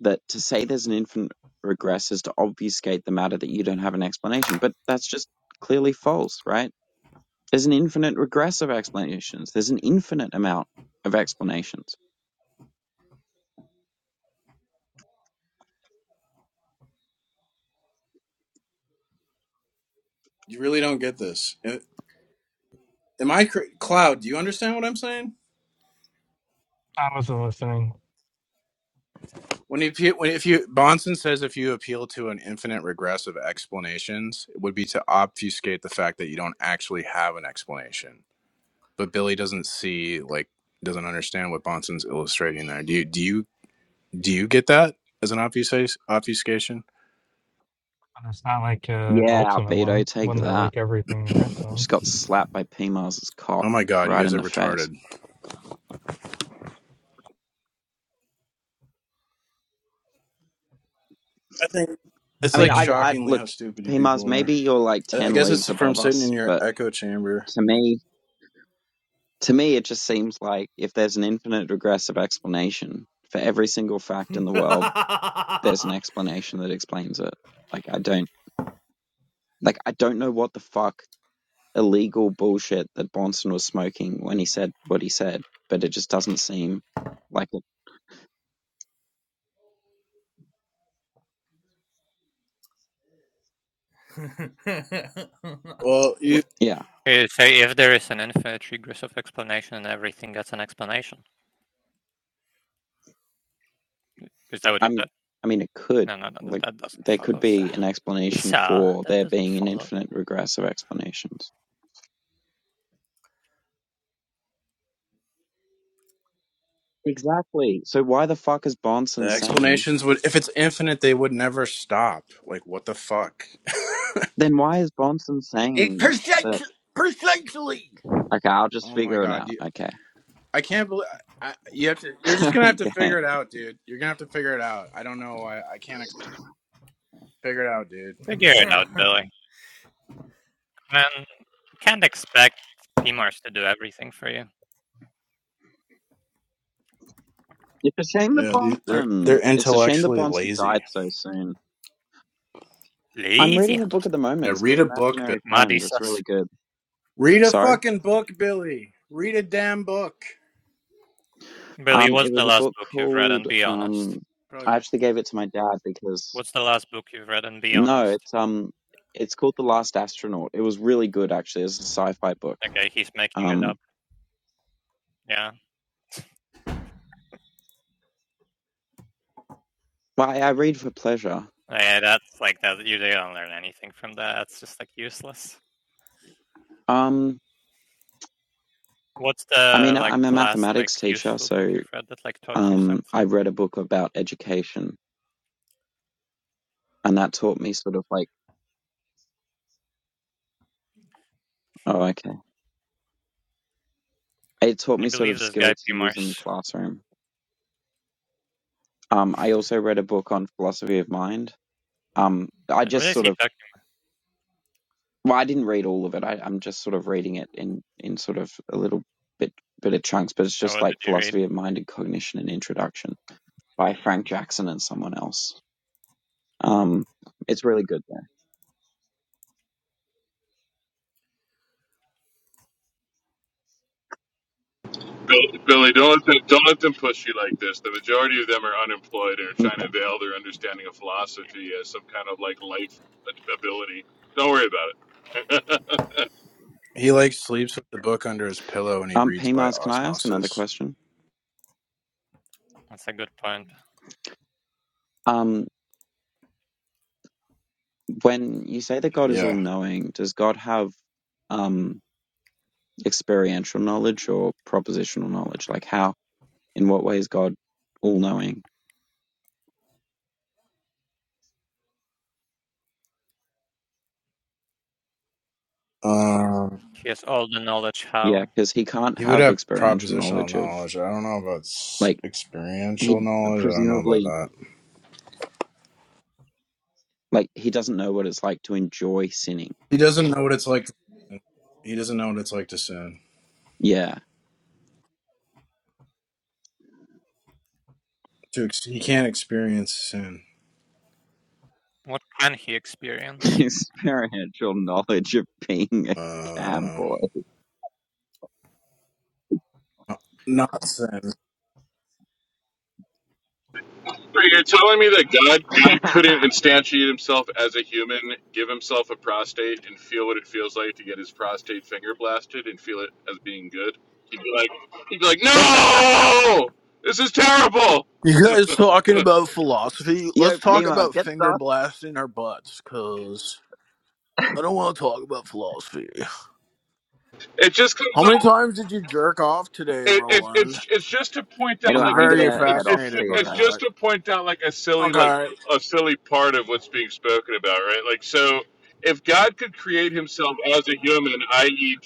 Speaker 1: that to say there's an infinite regress is to obfuscate the matter that you don't have an explanation, but that's just clearly false, right? There's an infinite regress of explanations. There's an infinite amount of explanations.
Speaker 5: You really don't get this. Am I cr- Cloud? Do you understand what I'm saying?
Speaker 3: I wasn't listening.
Speaker 5: When you pe- when if you Bonson says if you appeal to an infinite regress of explanations, it would be to obfuscate the fact that you don't actually have an explanation. But Billy doesn't see like doesn't understand what Bonson's illustrating there. Do you do you do you get that as an obfuscation? Obfuscation?
Speaker 3: But It's not like a
Speaker 1: Yeah,
Speaker 3: ultimate
Speaker 1: Beto,
Speaker 3: one,
Speaker 1: take
Speaker 3: one that
Speaker 1: that.
Speaker 3: like everything in wrestling.
Speaker 1: Just got slapped by P Mars's
Speaker 5: Oh
Speaker 1: cock
Speaker 5: my god, you
Speaker 1: right
Speaker 5: guys
Speaker 1: in
Speaker 5: are
Speaker 1: the face.
Speaker 5: retarded. I think it's
Speaker 1: I mean,
Speaker 5: like
Speaker 3: Mm-hmm.
Speaker 1: I, I
Speaker 5: shockingly
Speaker 1: look,
Speaker 5: how stupid you
Speaker 1: P
Speaker 5: people
Speaker 1: Mars,
Speaker 5: are.
Speaker 1: maybe you're like
Speaker 5: I I
Speaker 1: ten
Speaker 5: guess it's
Speaker 1: leagues
Speaker 5: from
Speaker 1: above
Speaker 5: sitting in
Speaker 1: us,
Speaker 5: your
Speaker 1: but
Speaker 5: echo chamber.
Speaker 1: to me. To me, it just seems like if there's an infinite regressive explanation for every single fact in the world, there's an explanation that explains it. Like I don't like I don't know what the fuck illegal bullshit that Bonson was smoking when he said what he said, but it just doesn't seem like it.
Speaker 5: Well, you
Speaker 1: Yeah,
Speaker 7: Okay, so if there is an infinite regress of explanation and everything gets an explanation, is that what you
Speaker 1: I mean,
Speaker 7: said?
Speaker 1: I mean, it could
Speaker 7: No, no, no, no
Speaker 1: like
Speaker 7: that doesn't
Speaker 1: there could
Speaker 7: follow, sir.
Speaker 1: be an explanation
Speaker 7: Sir,
Speaker 1: for
Speaker 7: that
Speaker 1: there
Speaker 7: doesn't
Speaker 1: being an
Speaker 7: follow.
Speaker 1: infinite regress of explanations. Exactly. So why the fuck is
Speaker 5: the
Speaker 1: Bonson saying?
Speaker 5: explanations would if it's infinite, they would never stop. Like what the fuck? [laughs]
Speaker 1: Then why is Bonson
Speaker 5: It,
Speaker 1: saying that?
Speaker 5: precisely, precisely.
Speaker 1: Okay, I'll just
Speaker 5: Oh my
Speaker 1: figure it
Speaker 5: god,
Speaker 1: out.
Speaker 5: you,
Speaker 1: Okay.
Speaker 5: I can't believe. I, you have to. You're just
Speaker 1: [laughs]
Speaker 5: gonna have to
Speaker 1: okay.
Speaker 5: figure it out, dude. You're gonna have to figure it out. I don't know. I, I can't explain. Figure it out, dude.
Speaker 7: Figure it out,
Speaker 4: [laughs]
Speaker 7: Billy. Man, you can't expect PMARS to do everything for you.
Speaker 1: It's a shame that
Speaker 5: Yeah, these, they're
Speaker 1: Bronson.
Speaker 5: they're
Speaker 1: It's a shame that
Speaker 5: intellectually
Speaker 1: Bronson died
Speaker 5: lazy.
Speaker 1: so soon. I'm
Speaker 7: Lazy.
Speaker 1: reading a book at the
Speaker 5: Yeah,
Speaker 1: moment. It's
Speaker 5: read
Speaker 1: called
Speaker 5: a book, Bill.
Speaker 1: Imaginary
Speaker 7: Muddy
Speaker 1: Friend. It's really
Speaker 7: says,
Speaker 1: good.
Speaker 5: Read a
Speaker 1: Sorry.
Speaker 5: fucking book, Billy. Read a damn book.
Speaker 7: Billy,
Speaker 1: Um,
Speaker 7: what's
Speaker 1: it
Speaker 7: the
Speaker 1: was a
Speaker 7: last
Speaker 1: book
Speaker 7: book you've read and
Speaker 1: called
Speaker 7: be honest?
Speaker 1: um. I
Speaker 5: Probably.
Speaker 1: actually gave it to my dad because
Speaker 7: What's the last book you've read and be
Speaker 1: no,
Speaker 7: honest?
Speaker 1: it's um, it's called The Last Astronaut. It was really good actually. It's a sci-fi book.
Speaker 7: Okay, he's making it up.
Speaker 1: Um,
Speaker 7: Yeah.
Speaker 1: well, I, I read for pleasure.
Speaker 7: Yeah, that's like that. You don't learn anything from that. It's just like useless.
Speaker 1: Um,
Speaker 7: What's
Speaker 1: I
Speaker 7: the
Speaker 1: mean,
Speaker 7: like
Speaker 1: I'm a
Speaker 7: last like
Speaker 1: mathematics teacher,
Speaker 7: useful book
Speaker 1: so
Speaker 7: you've read that like taught you
Speaker 1: um,
Speaker 7: something?
Speaker 1: I read a book about education and that taught me sort of like oh okay it taught
Speaker 7: Can
Speaker 1: me
Speaker 7: you
Speaker 1: sort
Speaker 7: believe
Speaker 1: of
Speaker 7: this guy
Speaker 1: skills to
Speaker 7: P.
Speaker 1: use in the
Speaker 7: Mars?
Speaker 1: classroom um i also read a book on philosophy of mind um i
Speaker 7: What
Speaker 1: just
Speaker 7: is
Speaker 1: sort
Speaker 7: he
Speaker 1: of
Speaker 7: talking?
Speaker 1: well i didn't read all of it I, i'm just sort of reading it in in sort of a little bit bit of chunks but it's
Speaker 7: About?
Speaker 1: just
Speaker 7: What did
Speaker 1: like
Speaker 7: he read?
Speaker 1: philosophy of mind and cognition and introduction by frank jackson and someone else um it's really good
Speaker 9: Bill- Billy, don't let, them, don't let them push you like this. The majority of them are unemployed and are
Speaker 1: there
Speaker 9: trying
Speaker 1: okay
Speaker 9: to veil their understanding of philosophy as some kind of like life ability. Don't worry about it. [laughs]
Speaker 5: He like sleeps with the book under his pillow and he
Speaker 1: um
Speaker 5: reads by
Speaker 1: pmars can i ask another
Speaker 5: osmosis.
Speaker 1: question
Speaker 7: That's a good point.
Speaker 1: um when you say that god is all
Speaker 5: Yeah.
Speaker 1: knowing does god have um experiential knowledge or propositional knowledge? Like, how, in what way is God all knowing?
Speaker 5: Um.
Speaker 7: He has all the knowledge.
Speaker 1: Yeah,
Speaker 7: How?
Speaker 1: because he can't
Speaker 5: He would
Speaker 1: have
Speaker 5: have
Speaker 1: experiential
Speaker 5: propositional
Speaker 1: knowledge of,
Speaker 5: knowledge. I don't know about s-
Speaker 1: like,
Speaker 5: experiential
Speaker 1: he
Speaker 5: knowledge. I don't know about
Speaker 1: presumably,
Speaker 5: that.
Speaker 1: like, he doesn't know what it's like to enjoy sinning.
Speaker 5: He doesn't know what it's like. He doesn't know what it's like to sin.
Speaker 1: Yeah.
Speaker 5: To ex- he can't experience sin.
Speaker 7: What can he
Speaker 1: [laughs]
Speaker 7: experience?
Speaker 1: Experiential knowledge of being a
Speaker 5: Uh, I don't know.
Speaker 1: cowboy.
Speaker 5: Not sin.
Speaker 9: So You're telling me that God
Speaker 1: [laughs]
Speaker 9: God couldn't instantiate himself as a human, give himself a prostate, and feel what it feels like to get his prostate finger blasted and feel it as being good? He'd be like, he'd be like, no, this is terrible.
Speaker 5: You guys talking about philosophy?
Speaker 1: Yo,
Speaker 5: Let's
Speaker 1: P
Speaker 5: talk
Speaker 1: Mars,
Speaker 5: about
Speaker 1: get
Speaker 5: finger
Speaker 1: off.
Speaker 5: blasting our butts, cause I don't want to talk about philosophy.
Speaker 9: It just comes
Speaker 5: How many
Speaker 9: off.
Speaker 5: times did you jerk off today,
Speaker 9: it, it,
Speaker 5: Roland?
Speaker 9: it's it's just to point out
Speaker 1: Anyway,
Speaker 5: I'm
Speaker 9: like
Speaker 1: I'm
Speaker 9: a,
Speaker 5: very
Speaker 1: gonna
Speaker 9: it,
Speaker 1: head off.
Speaker 9: it's
Speaker 1: See
Speaker 5: fascinated
Speaker 1: you
Speaker 5: by
Speaker 9: it's
Speaker 1: guys.
Speaker 9: just
Speaker 5: that.
Speaker 9: to point out like a silly like
Speaker 5: Okay,
Speaker 9: a silly part of what's being spoken about, right? Like so, if God could create Himself as a human, i.e.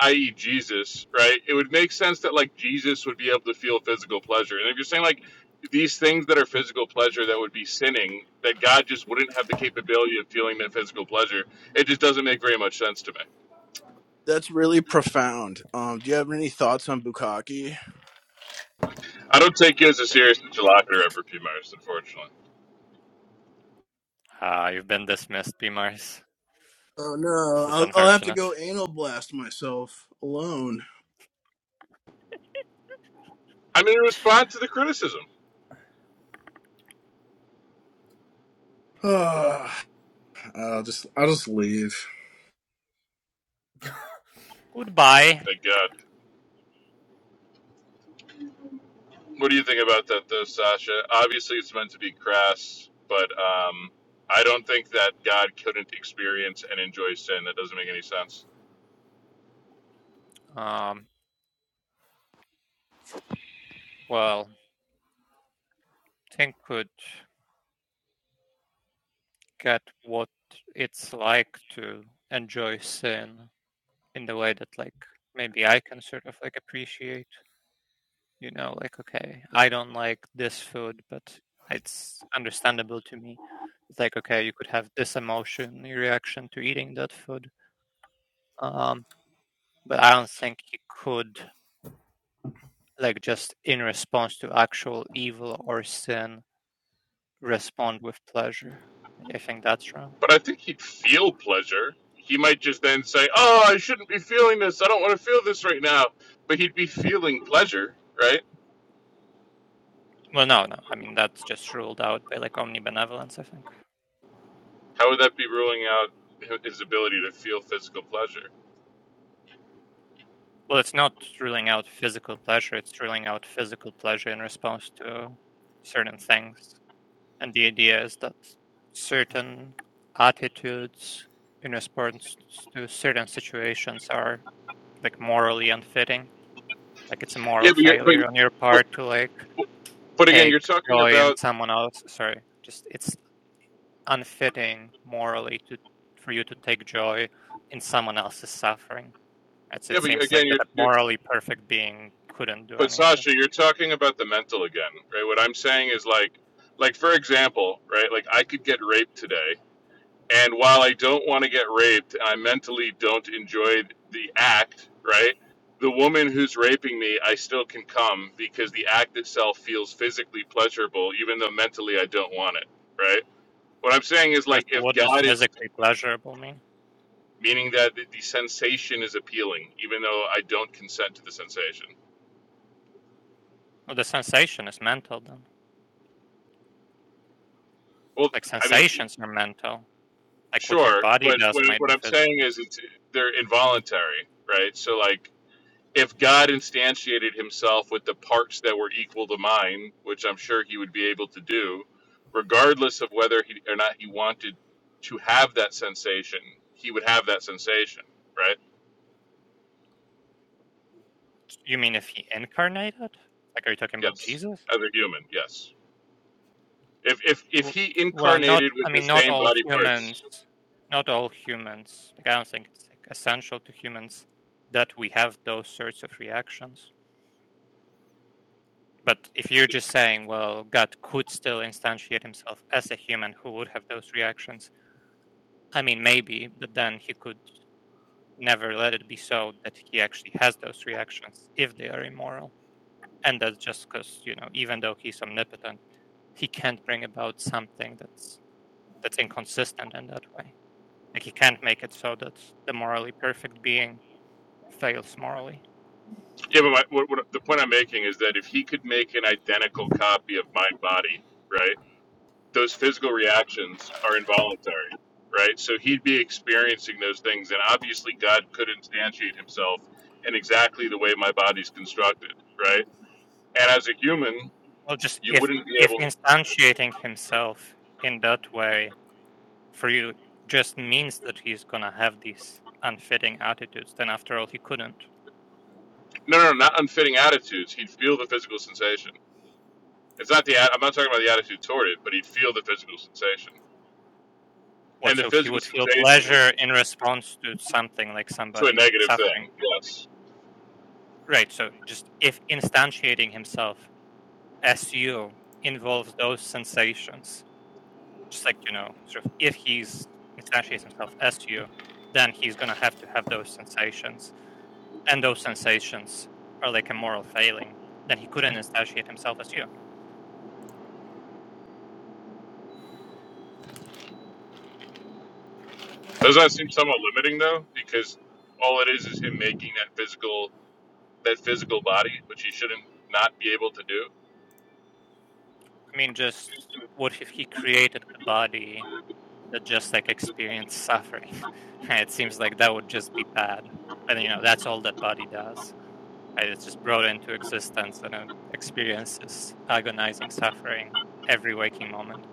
Speaker 9: i.e. Jesus, right? It would make sense that like Jesus would be able to feel physical pleasure, and if you're saying like these things that are physical pleasure that would be sinning, that God just wouldn't have the capability of feeling that physical pleasure, it just doesn't make very much sense to me.
Speaker 5: that's really profound. Um, do you have any thoughts on bukkake?
Speaker 9: I don't take you as a serious interlocutor ever, P. Myers, unfortunately.
Speaker 7: Ah, you've been dismissed, P. Mars.
Speaker 5: Oh
Speaker 7: This
Speaker 5: no,
Speaker 7: is
Speaker 5: I'll, I'll have to
Speaker 7: unfortunate.
Speaker 5: go anal blast myself alone.
Speaker 9: I mean, respond to the criticism.
Speaker 5: [sighs] I'll just I'll just leave.
Speaker 7: Goodbye.
Speaker 9: Thank God. What do you think about that, though, Sasha? Obviously, it's meant to be crass, but um, I don't think that God couldn't experience and enjoy sin. That doesn't make any sense.
Speaker 7: Um. Well, I think could get what it's like to enjoy sin in the way that like maybe I can sort of like appreciate You know, like, okay, I don't like this food, but it's understandable to me. It's like, okay, you could have this emotion, your reaction to eating that food. Um, but I don't think you could, like, just in response to actual evil or sin, respond with pleasure. I think that's wrong.
Speaker 9: But I think he'd feel pleasure. He might just then say, "Oh, I shouldn't be feeling this. I don't want to feel this right now." But he'd be feeling pleasure, right?
Speaker 7: Well, no, no. I mean, that's just ruled out by like omnibenevolence, I think.
Speaker 9: How would that be ruling out hi- his ability to feel physical pleasure?
Speaker 7: Well, it's not ruling out physical pleasure, it's ruling out physical pleasure in response to certain things. And the idea is that certain attitudes in response to certain situations are like morally unfitting. Like it's a moral
Speaker 9: Yeah, but you're,
Speaker 7: failure on your
Speaker 9: but
Speaker 7: part to like
Speaker 9: but again,
Speaker 7: take
Speaker 9: you're talking
Speaker 7: joy in
Speaker 9: about
Speaker 7: someone else. Sorry, just it's unfitting morally to for you to take joy in someone else's suffering. As it
Speaker 9: yeah, but
Speaker 7: seems
Speaker 9: again,
Speaker 7: like
Speaker 9: you're
Speaker 7: that a
Speaker 9: you're
Speaker 7: morally perfect being couldn't do
Speaker 9: But
Speaker 7: any of that.
Speaker 9: Sasha, you're talking about the mental again, right? What I'm saying is like, like for example, right? Like I could get raped today, and while I don't want to get raped, I mentally don't enjoy the act, right? The woman who's raping me, I still can come because the act itself feels physically pleasurable, even though mentally I don't want it, right? What I'm saying is
Speaker 7: First,
Speaker 9: like, if
Speaker 7: what does
Speaker 9: God is
Speaker 7: physically pleasurable mean?
Speaker 9: meaning that the the sensation is appealing, even though I don't consent to the sensation.
Speaker 7: Well, the sensation is mental then.
Speaker 9: Well,
Speaker 7: Like
Speaker 9: I mean,
Speaker 7: sensations are mental. Like what your
Speaker 9: Sure,
Speaker 7: body
Speaker 9: but
Speaker 7: does
Speaker 9: what,
Speaker 7: might
Speaker 9: what
Speaker 7: be
Speaker 9: I'm saying
Speaker 7: physical.
Speaker 9: is it's they're involuntary, right? So like if God instantiated himself with the parts that were equal to mine, which I'm sure he would be able to do, regardless of whether he or not he wanted to have that sensation, he would have that sensation, right?
Speaker 7: You mean if he incarnated? Like are you talking about
Speaker 9: Yes.
Speaker 7: Jesus?
Speaker 9: As a human, yes. If if if he
Speaker 7: Well, not.
Speaker 9: incarnated
Speaker 7: I
Speaker 9: with the
Speaker 7: mean, not
Speaker 9: same
Speaker 7: all
Speaker 9: body
Speaker 7: humans.
Speaker 9: parts,
Speaker 7: Not all humans. Like I don't think it's like, essential to humans that we have those sorts of reactions. But if you're just saying, well, God could still instantiate himself as a human who would have those reactions, I mean, maybe, but then he could never let it be so that he actually has those reactions if they are immoral. And that's just because, you know, even though he's omnipotent, he can't bring about something that's that's inconsistent in that way. Like he can't make it so that the morally perfect being fails morally.
Speaker 9: yeah, but my, what, what, the point I'm making is that if he could make an identical copy of my body, right? those physical reactions are involuntary, right? So he'd be experiencing those things, and obviously God could instantiate himself in exactly the way my body's constructed, right? And as a human,
Speaker 7: Well, just
Speaker 9: you
Speaker 7: if
Speaker 9: wouldn't be
Speaker 7: if
Speaker 9: able. to,
Speaker 7: instantiating himself in that way for you just means that he's gonna have these unfitting attitudes, then after all, he couldn't.
Speaker 9: No, no, not unfitting attitudes. He'd feel the physical sensation. It's not the. at- I'm not talking about the attitude toward it, but he'd feel the physical sensation,
Speaker 7: What,
Speaker 9: and the
Speaker 7: so he
Speaker 9: physical
Speaker 7: would feel
Speaker 9: sensation
Speaker 7: pleasure
Speaker 9: would
Speaker 7: in response to something like
Speaker 9: to a
Speaker 7: somebody
Speaker 9: negative
Speaker 7: suffering?
Speaker 9: thing. Yes.
Speaker 7: Right, so just if instantiating himself as you involves those sensations, just like, you know, sort of if he's instantiates himself as you, then he's gonna have to have those sensations, and those sensations are like a moral failing, then he couldn't instantiate himself as you.
Speaker 9: Doesn't that seem somewhat limiting though? Because all it is is him making that physical that physical body, which he shouldn't not be able to do.
Speaker 7: I mean, just what if he created a body that just like experienced suffering? [laughs] it seems like that would just be bad. And you know, that's all that body does. Right? It's just brought into existence and it experiences agonizing suffering every waking moment.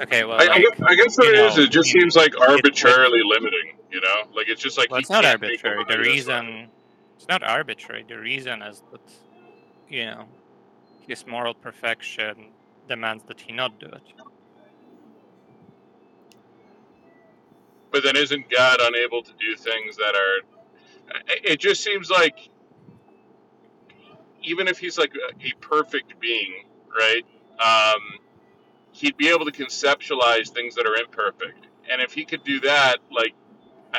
Speaker 7: Okay, well,
Speaker 9: I, I, guess,
Speaker 7: like
Speaker 9: I guess what
Speaker 7: you
Speaker 9: it is,
Speaker 7: know,
Speaker 9: it
Speaker 7: I
Speaker 9: just
Speaker 7: mean,
Speaker 9: seems like
Speaker 7: it's with
Speaker 9: arbitrarily limiting, you know? Like, it's just like
Speaker 7: well,
Speaker 9: he
Speaker 7: it's not
Speaker 9: can't make the
Speaker 7: arbitrary. The
Speaker 9: body this way.
Speaker 7: reason it's not arbitrary. The reason is that you know his moral perfection demands that he not do it.
Speaker 9: But then isn't God unable to do things that are. It just seems like even if he's like a perfect being, right? Um, he'd be able to conceptualize things that are imperfect. And if he could do that, like,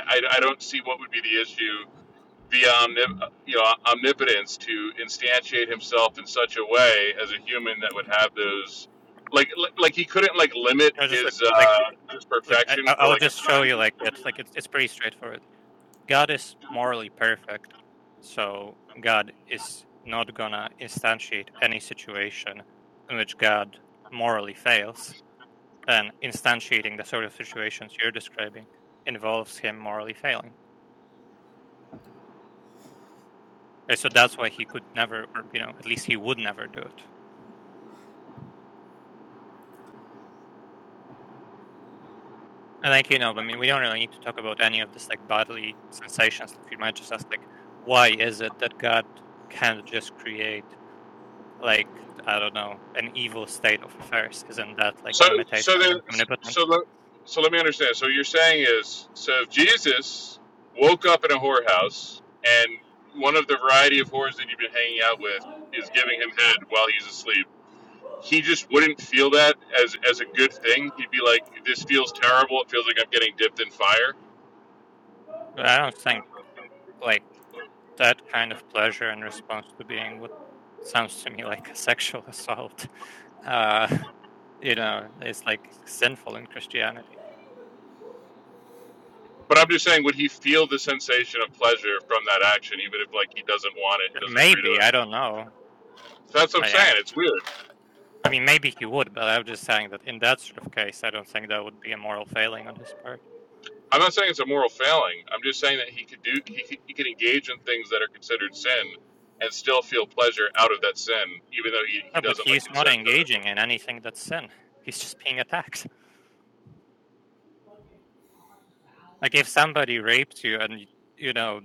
Speaker 9: I I don't see what would be the issue the omni- you know omnipotence to instantiate himself in such a way as a human that would have those like like, like he couldn't like limit
Speaker 7: No, just like,
Speaker 9: his
Speaker 7: like
Speaker 9: uh his
Speaker 7: Look, I,
Speaker 9: perfection
Speaker 7: I-
Speaker 9: for
Speaker 7: I'll
Speaker 9: like a
Speaker 7: just show you
Speaker 9: time
Speaker 7: like it's like it's, it's pretty straightforward. God is morally perfect, so God is not gonna instantiate any situation in which God morally fails. And instantiating the sort of situations you're describing involves him morally failing. And so that's why he could never, or you know, at least he would never do it. And like you know, I mean, we don't really need to talk about any of this like bodily sensation stuff. You might just ask like, why is it that God can't just create like I don't know, an evil state of affairs? Isn't that like
Speaker 9: so
Speaker 7: a limitation
Speaker 9: so
Speaker 7: on
Speaker 9: then
Speaker 7: his omnipotence?
Speaker 9: so let, so let me understand so what you're saying is so if jesus woke up in a whorehouse and one of the variety of whores that you've been hanging out with is giving him head while he's asleep he just wouldn't feel that as as a good thing. He'd be like, "This feels terrible. It feels like I'm getting dipped in fire."
Speaker 7: But I don't think like that kind of pleasure in response to being what sounds to me like a sexual [laughs] assault. Uh, you know, is like sinful in Christianity.
Speaker 9: But I'm just saying, would he feel the sensation of pleasure from that action, even if like he doesn't want it and
Speaker 7: Uh,
Speaker 9: doesn't agree to
Speaker 7: Maybe I
Speaker 9: it?
Speaker 7: don't know.
Speaker 9: So that's what I'm
Speaker 7: I, I-
Speaker 9: saying. It's weird.
Speaker 7: mean, maybe he would, but I'm just saying that in that sort of case, I don't think that would be a moral failing on his part.
Speaker 9: I'm not saying it's a moral failing. I'm just saying that he could do he could, he could engage in things that are considered sin and still feel pleasure out of that sin, even though he, he
Speaker 7: No, but
Speaker 9: doesn't like
Speaker 7: he's not
Speaker 9: consent
Speaker 7: engaging in anything that's sin. He's just being attacked. Like if somebody raped you and you know,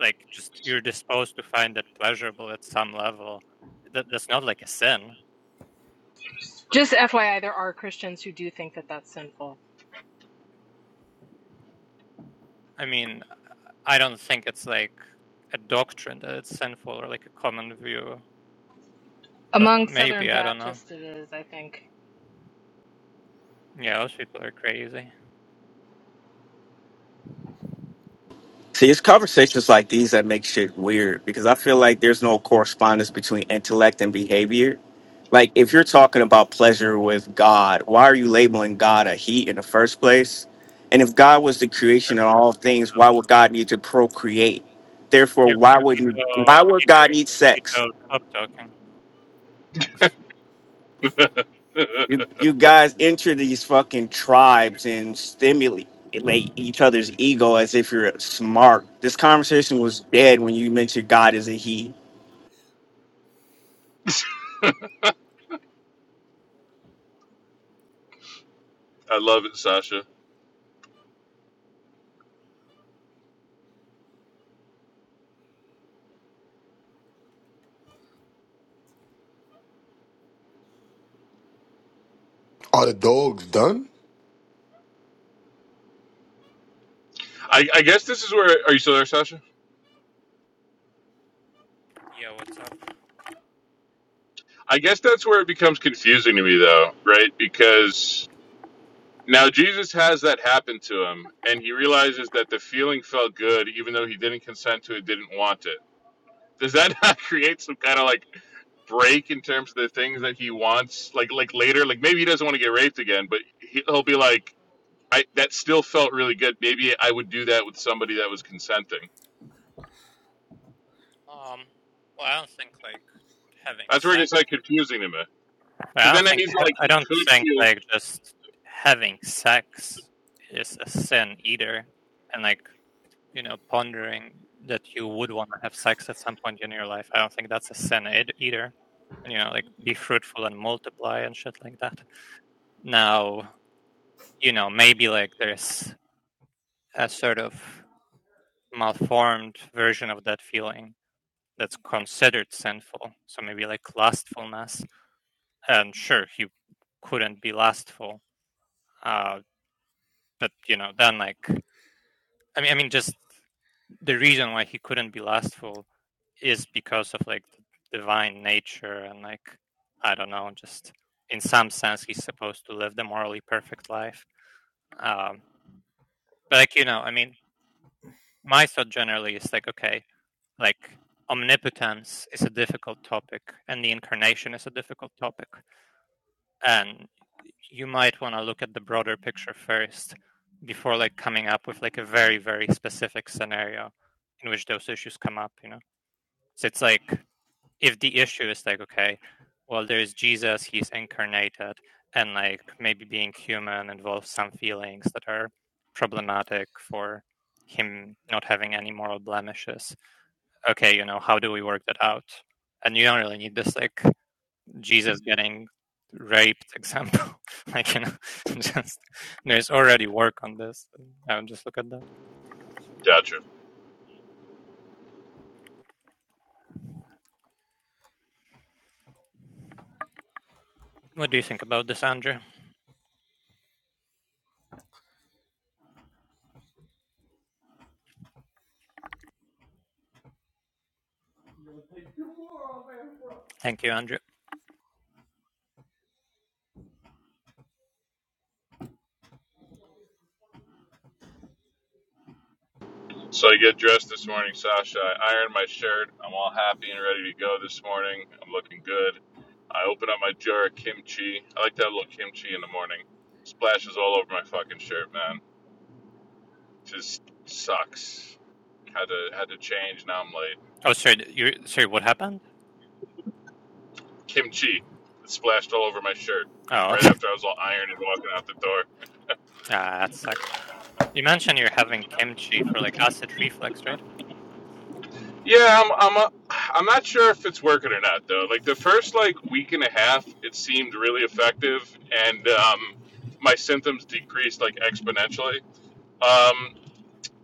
Speaker 7: like just you're disposed to find it pleasurable at some level, that that's not like a sin.
Speaker 6: Just FYI, there are Christians who do think that that's sinful.
Speaker 7: I mean, I don't think it's like a doctrine that it's sinful or like a common view, but
Speaker 6: Among Southern
Speaker 7: maybe I don't know.
Speaker 6: Baptists, it is, I think.
Speaker 7: Yeah, those people are crazy.
Speaker 10: See, it's conversations like these that make shit weird because I feel like there's no correspondence between intellect and behavior. Like, if you're talking about pleasure with God, why are you labeling God a he in the first place? And if God was the creation of all things, why would God need to procreate? Therefore,
Speaker 7: Yeah,
Speaker 10: why would you,
Speaker 7: Cogito,
Speaker 10: why would God
Speaker 7: Cogito,
Speaker 10: need sex?
Speaker 7: Cogito, stop talking. Thanks.
Speaker 9: to it. [laughs]
Speaker 10: You, you guys enter these fucking tribes and stimulate like each other's ego as if you're smart. This conversation was dead when you mentioned God as a he
Speaker 9: I love it, Sasha.
Speaker 11: Are the dogs done?
Speaker 9: I, I guess this is where are you still there, Sasha?
Speaker 7: Yeah, what's up?
Speaker 9: I guess that's where it becomes confusing to me, though, right? Because now Jesus has that happen to him, and he realizes that the feeling felt good, even though he didn't consent to it, didn't want it. Does that [laughs] not create some kind of like break in terms of the things that he wants? Like, like later, like maybe he doesn't want to get raped again, but he- he'll be like, "I that still felt really good. Maybe I would do that with somebody that was consenting."
Speaker 7: Um, well, I don't think like having
Speaker 9: That's where it
Speaker 7: sex
Speaker 9: gets like confusing to me,
Speaker 7: I
Speaker 9: because
Speaker 7: don't
Speaker 9: then that
Speaker 7: think
Speaker 9: means like
Speaker 7: I
Speaker 9: he
Speaker 7: don't
Speaker 9: could
Speaker 7: think
Speaker 9: feel.
Speaker 7: like just having sex is a sin either, and like you know pondering that you would want to have sex at some point in your life. I don't think that's a sin either. And, you know, like be fruitful and multiply and shit like that. Now, you know, maybe like there's a sort of malformed version of that feeling that's considered sinful. So maybe like lustfulness. And sure, you couldn't be lustful. Uh, but you know, then like I mean, I mean, just the reason why he couldn't be lustful is because of like the divine nature and like I don't know, just in some sense he's supposed to live the morally perfect life. Um, but like you know, I mean, my thought generally is like okay, like omnipotence is a difficult topic and the incarnation is a difficult topic and you might want to look at the broader picture first before like coming up with like a very very specific scenario in which those issues come up you know so it's like if the issue is like okay well there's jesus he's incarnated and like maybe being human involves some feelings that are problematic for him not having any moral blemishes okay you know how do we work that out and you don't really need this like Jesus getting raped example. [laughs] like you know, [laughs] just there's already work on this. I would just look at that.
Speaker 9: Gotcha.
Speaker 7: What do you think about this, Andrew? Thank you, Andrew.
Speaker 9: So I get dressed this morning, Sasha. I iron my shirt. I'm all happy and ready to go this morning. I'm looking good. I open up my jar of kimchi. I like to have a little kimchi in the morning. Splashes all over my fucking shirt, man. Just sucks. Had to had to change. Now I'm late.
Speaker 7: Oh, sorry, you sorry. What happened?
Speaker 9: Kimchi. It splashed all over my shirt
Speaker 7: Oh,
Speaker 9: right
Speaker 7: okay.
Speaker 9: after I was all ironed and walking out the door.
Speaker 7: [laughs] ah, that sucked. You mentioned you're having kimchi for like acid reflux, right?
Speaker 9: Yeah, I'm I'm a, I'm not sure if it's working or not though. Like the first like week and a half, it seemed really effective, and um, my symptoms decreased like exponentially. Um,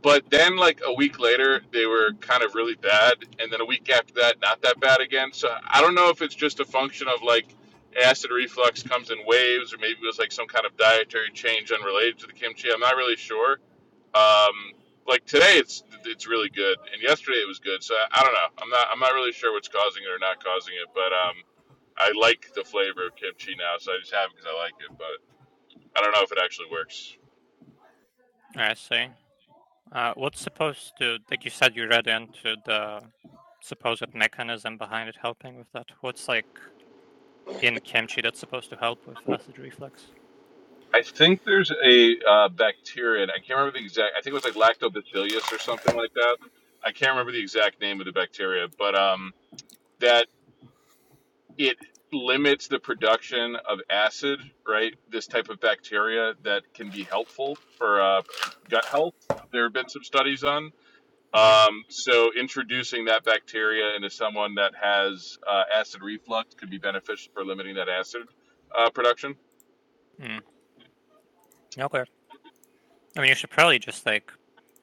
Speaker 9: but then like a week later, they were kind of really bad, and then a week after that, not that bad again. So I don't know if it's just a function of like acid reflux comes in waves, or maybe it was like some kind of dietary change unrelated to the kimchi. I'm not really sure um, like today, it's it's really good, and yesterday it was good. So I, I don't know. I'm not I'm not really sure what's causing it or not causing it, but um, I like the flavor of kimchi now, so I just have it because I like it. But I don't know if it actually works.
Speaker 7: I see. Uh, what's supposed to like you said you read into the supposed mechanism behind it helping with that? What's like in kimchi that's supposed to help with acid reflux?
Speaker 9: I think there's a uh, bacteria. and I can't remember the exact. I think it was like lactobacillus or something like that. I can't remember the exact name of the bacteria, but um, that it limits the production of acid, right? This type of bacteria that can be helpful for uh, gut health. There have been some studies on.
Speaker 7: Mm-hmm.
Speaker 9: Um, so introducing that bacteria into someone that has uh, acid reflux could be beneficial for limiting that acid uh, production.
Speaker 7: Mm. Okay. I mean, you should probably just like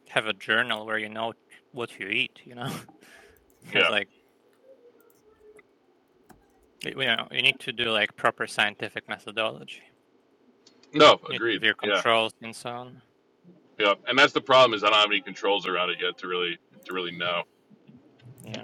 Speaker 7: have a journal where you know what you eat, you know? [laughs] Because
Speaker 9: Yeah.
Speaker 7: like you know, you need to do like proper scientific methodology.
Speaker 9: No.
Speaker 7: You need to have
Speaker 9: Agreed.
Speaker 7: your
Speaker 9: Yeah.
Speaker 7: controls and so on.
Speaker 9: Yeah. And that's the problem is I don't have any controls around it yet to really to really know.
Speaker 7: Yeah.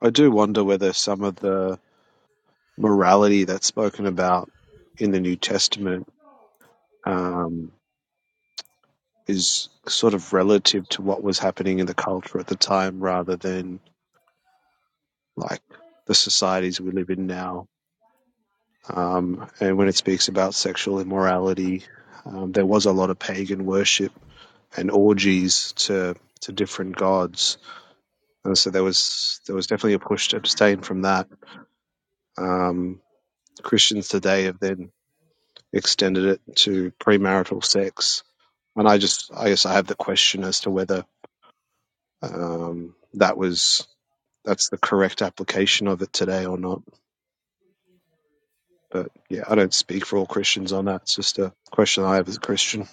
Speaker 12: I do wonder whether some of the morality that's spoken about in the New Testament um, is sort of relative to what was happening in the culture at the time rather than like the societies we live in now. Um, and when it speaks about sexual immorality, um, there was a lot of pagan worship and orgies to to different gods, and so there was there was definitely a push to abstain from that. Um, Christians today have then extended it to premarital sex. And I just, I guess I have the question as to whether um, that was, that's the correct application of it today or not. But yeah, I don't speak for all Christians on that. It's just a question I have as a Christian.